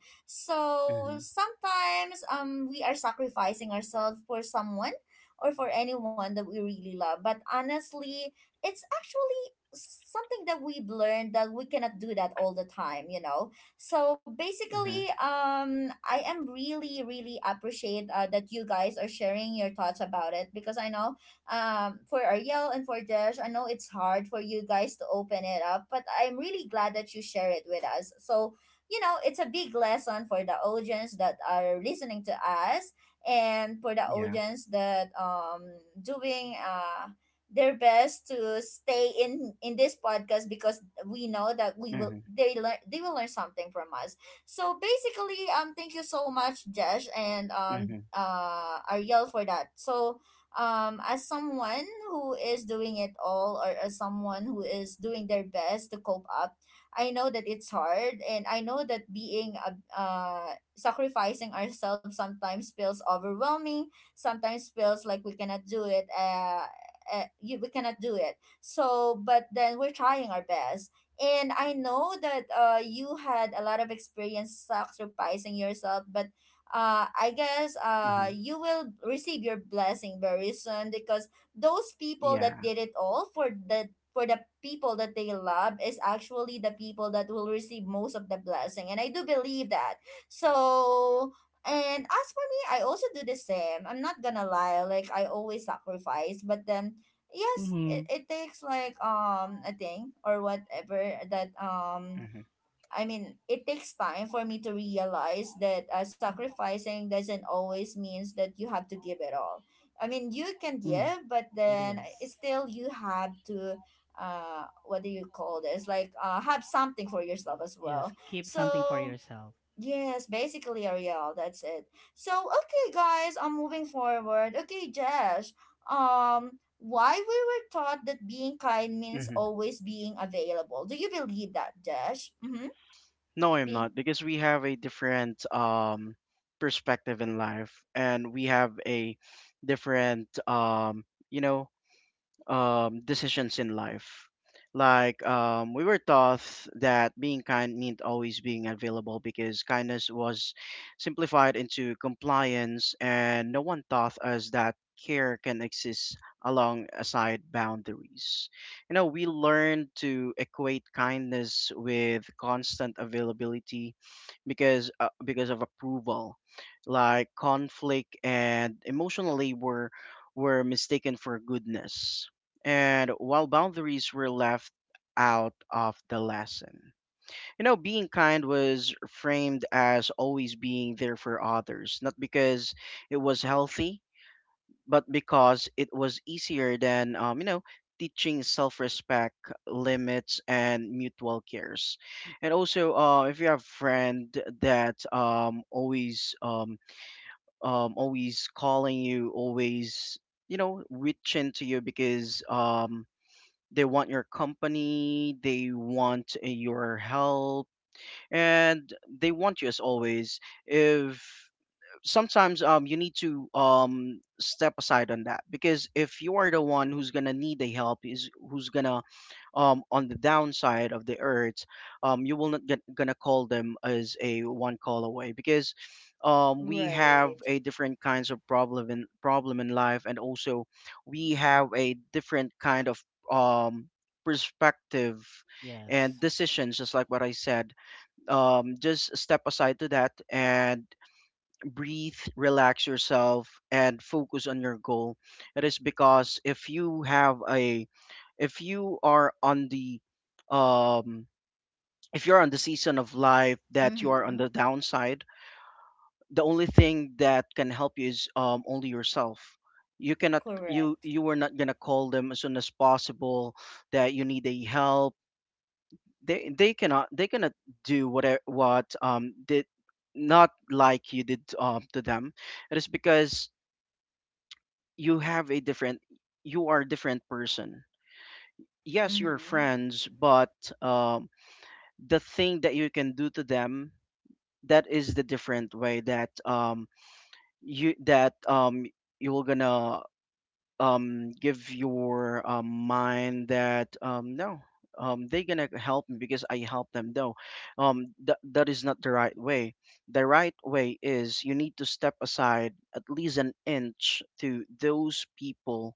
S2: mm-hmm,
S1: So sometimes we are sacrificing ourselves for someone or for anyone that we really love. But honestly, it's actually something that we've learned that we cannot do that all the time, you know. So basically,
S2: mm-hmm.
S1: I am really, really appreciate that you guys are sharing your thoughts about it because I know, for Ariel and for Josh, I know it's hard for you guys to open it up, but I'm really glad that you share it with us. So, you know, it's a big lesson for the audience that are listening to us and for the
S2: Yeah.
S1: audience that doing their best to stay in this podcast because we know that we will
S2: Mm-hmm,
S1: they learn they will learn something from us. So basically, thank you so much, Josh, and
S2: mm-hmm,
S1: Ariel, for that. So, as someone who is doing it all, or as someone who is doing their best to cope up, I know that it's hard, and I know that being a sacrificing ourselves sometimes feels overwhelming, sometimes feels like we cannot do it we cannot do it. So but then we're trying our best, and I know that you had a lot of experience sacrificing yourself. But I guess
S2: mm-hmm.
S1: you will receive your blessing very soon because those people
S2: Yeah.
S1: that did it all for the people that they love is actually the people that will receive most of the blessing, and I do believe that. So, and as for me, I also do the same. I'm not gonna lie, like I always sacrifice, but then yes,
S3: Mm-hmm.
S1: it takes like a thing or whatever that
S2: Mm-hmm,
S1: I mean, it takes time for me to realize that sacrificing doesn't always means that you have to give it all. I mean, you
S3: Mm-hmm.
S1: can give, but
S3: It is.
S1: then it's still you have to what do you call this? Like have something for yourself as
S3: Yes,
S1: well.
S3: keep something for
S1: So
S3: yourself.
S1: yes, basically, Ariel, that's it. So, okay, guys, I'm moving forward. Okay, Josh, why we were taught that being kind means
S2: mm-hmm.
S1: always being available. Do you believe that, Josh? Mm-hmm.
S2: No, I'm
S1: Being,
S2: not, because we have a different perspective in life, and we have a different you know decisions in life. Like we were taught that being kind meant always being available because kindness was simplified into compliance, and no one taught us that care can exist alongside boundaries. You know, we learned to equate kindness with constant availability because of approval, like conflict and emotional labor were mistaken for goodness and while boundaries were left out of the lesson. You know, being kind was framed as always being there for others, not because it was healthy, but because it was easier than, you know, teaching self respect, limits, and mutual cares. And also, if you have a friend that always calling you, always, you know, reaching to you because they want your company, they want your help, and they want you as always. If sometimes you need to step aside on that, because if you are the one who's gonna need the help is who's gonna on the downside of the earth, you will not get gonna call them as a one call away because we have
S1: right.
S2: a different kinds of problem in life, and also we have a different kind of um, perspective
S3: Yes.
S2: and decisions. Just like what I said, just step aside to that and breathe, relax yourself, and focus on your goal. It is because if you have if you are on um, if you're on the season of life that you are on
S1: Mm-hmm.
S2: the downside, the only thing that can help you is only yourself. You
S1: Correct.
S2: were not gonna call them as soon as possible that you need a help. They cannot do whatever what did not like you did to them. It is because you have a different you are a different person, yes you're
S1: Mm-hmm.
S2: friends, but um, the thing that you can do to them, that is the different way that you that um you will gonna give your mind that no, they gonna help me because I help them, no, that that is not the right way. The right way is you need to step aside at least an inch to those people.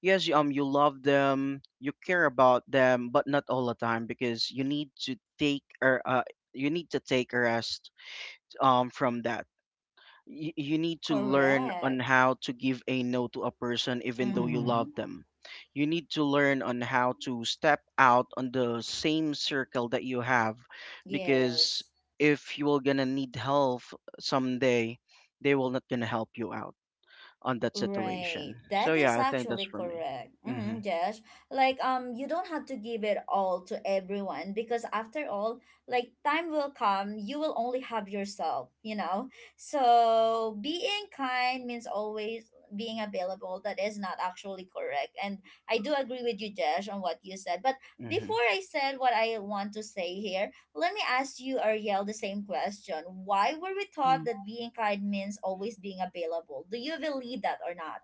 S2: You love them, you care about them, but not all the time, because you need to take or you need to take a rest from that. You need to learn on
S1: Correct.
S2: how to give a no to a person even though you love
S3: Mm-hmm.
S1: Mm-hmm.
S2: them. You need to learn on how to step out on the same circle that you have, because
S1: Yes.
S2: if you are gonna need help someday, they will not gonna help you out on that
S1: Right,
S2: situation. So
S1: that is
S2: yeah, I think that's
S1: actually
S2: for me.
S1: correct.
S2: Mm-hmm,
S1: Mm-hmm, Josh. Like, you don't have to give it all to everyone because after all, like, time will come. You will only have yourself, you know. So being kind means always being available. That is not actually correct, and I do agree with you, Josh, on what you said. But
S2: hmm
S1: before I said what I want to say here, let me ask you, Ariel, the same question. Why were we taught
S3: Mm-hmm.
S1: that being kind means always being available? Do you believe that or not?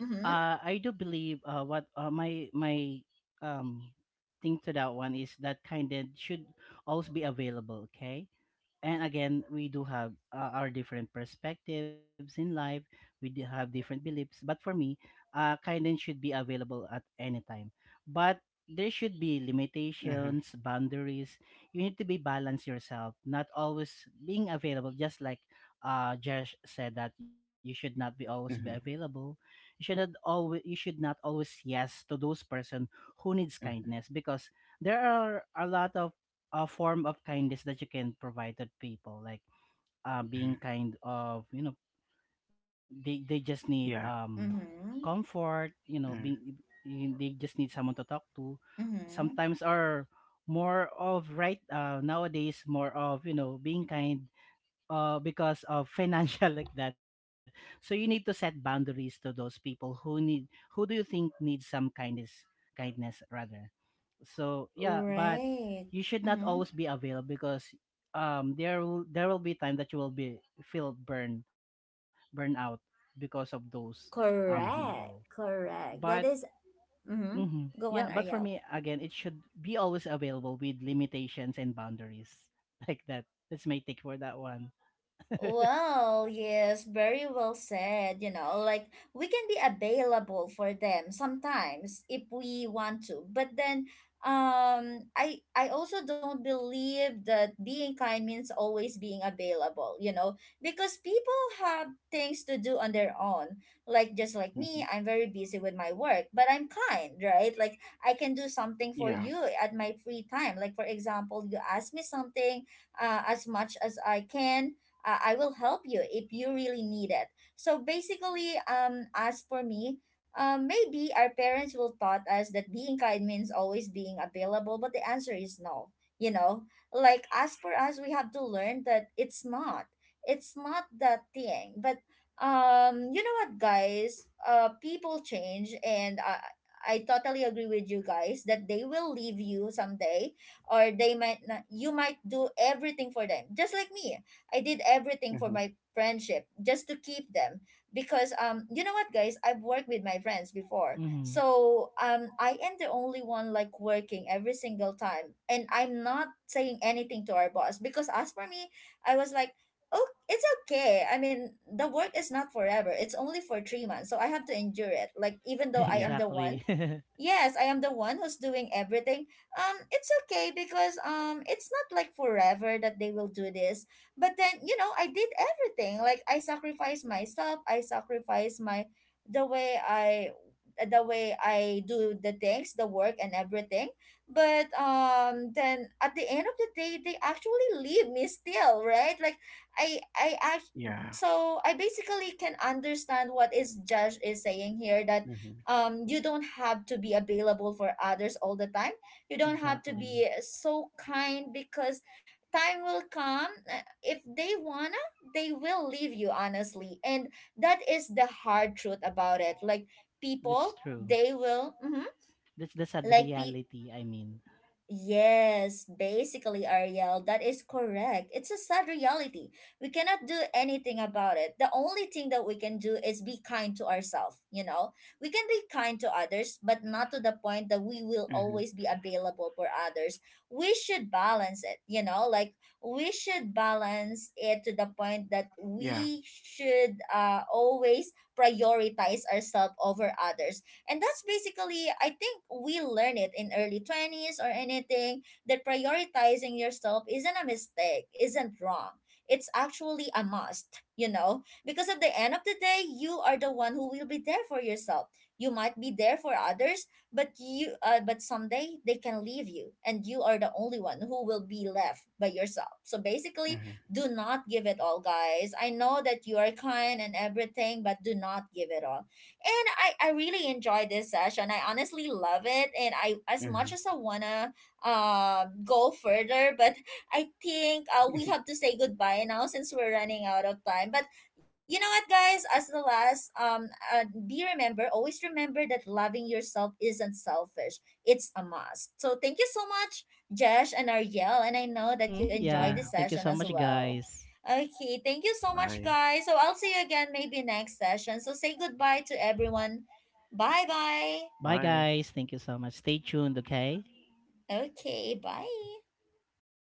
S1: Mm-hmm.
S3: I do believe, what, my um thing to that one is that kindness should always be available. Okay, and again, we do have, our different perspectives in life. We do have different beliefs, but for me, kindness should be available at any time, but there should be
S2: hmm
S3: limitations, boundaries. You need to be balanced yourself, not always being available, just like Josh said, that you should not be always be
S2: hmm
S3: available. You should not always yes to those person who needs
S2: hmm
S3: kindness, because there are a lot of, a form of kindness that you can provide to people, like,
S2: hmm.
S3: being kind of, you know, they just need,
S2: Yeah.
S1: Mm-hmm.
S3: comfort.
S2: Mm-hmm,
S3: They just need someone to talk to.
S1: Mm-hmm.
S3: Sometimes are more of right, nowadays more of, you know, being kind, because of financial, like that. So you need to set boundaries to those people who do you think needs some kindness, kindness rather. So yeah, but
S1: Right.
S3: you should not
S1: Mm-hmm.
S3: always be available, because there will be time that you will be feel burn out because of those people.
S2: hmm.
S1: Correct.
S3: but
S1: Correct. That is mm-hmm.
S3: hmm yeah
S1: Go
S3: but
S1: on,
S3: for me,
S1: Ariel.
S3: again, it should be always available with limitations and boundaries, like that. That's my take for that one.
S1: Well, yes, very well said. You know, like we can be available for them sometimes if we want to. But then I also don't believe that being kind means always being available, you know, because people have things to do on their own. Like just like me, I'm very busy with my work, but I'm kind, right? Like I can do something for
S2: Yeah.
S1: you at my free time. Like for example, you ask me something, as much as I can, I will help you if you really need it. So basically, as for me, maybe our parents will taught us that being kind means always being available, but the answer is no. You know, like as for us, we have to learn that it's not. It's not that thing. But you know what, guys? People change, and I totally agree with you guys that they will leave you someday, or they might not. You might do everything for them, just like me. I did everything for
S2: Hmm.
S1: my friendship just to keep them because you know what, guys, I've worked with my friends before.
S3: Hmm.
S1: So I am the only one like working every single time, and I'm not saying anything to our boss because as for me, I was like, oh, it's okay. I mean, the work is not forever. It's only for 3 months, so I have to endure it, like even though I
S2: Yeah.
S1: am the one.
S3: Exactly.
S1: Yes, I am the one who's doing everything. It's okay because it's not like forever that they will do this. But then you know, I did everything. Like I sacrificed myself. I sacrificed my the way I the way I do the things, the work, and everything. But then at the end of the day, they actually leave me still, right? Like I act
S2: Yeah.
S1: so I basically can understand what is Josh is saying here, that
S2: Mm-hmm,
S1: you don't have to be available for others all the time. You don't have to be
S3: Exactly.
S1: so kind because time will come. If they wanna, they will leave you, honestly, and that is the hard truth about it. Like people
S3: That's true.
S1: they will mhm,
S3: That's the sad
S1: like pe-
S3: reality, I mean.
S1: Yes, basically, Ariel, that is correct. It's a sad reality. We cannot do anything about it. The only thing that we can do is be kind to ourselves, you know? We can be kind to others, but not to the point that we will
S2: mm-hmm,
S1: always be available for others. We should balance it, you know? Like, we should balance it to the point that
S2: yeah,
S1: we should always prioritize ourselves over others. And that's basically, I think we learn it in early 20s or anything, that prioritizing yourself isn't a mistake, isn't wrong. It's actually a must, you know, because at the end of the day, you are the one who will be there for yourself. You might be there for others, but but someday they can leave you, and you are the only one who will be left by yourself. So basically,
S2: mhm,
S1: do not give it all, guys. I know that you are kind and everything, but do not give it all. And I really enjoyed this session. I honestly love it, and I as
S2: hmm.
S1: much as I wanna go further, but I think we have to say goodbye now since we're running out of time. But you know what, guys? As the last, be remember, always remember that loving yourself isn't selfish. It's a must. So thank you so much, Jesh and Ariel, and I know that you
S3: Hmm,
S1: enjoyed
S3: yeah,
S1: this
S2: Yeah.
S3: thank you
S1: session
S3: so
S1: as
S3: much,
S1: well.
S3: guys.
S1: Okay, thank you so much,
S2: Bye.
S1: guys. So I'll see you again maybe next session. So say goodbye to everyone. Bye bye.
S3: Bye,
S2: Bye.
S3: guys. Thank you so much. Stay tuned, okay?
S1: Okay, bye.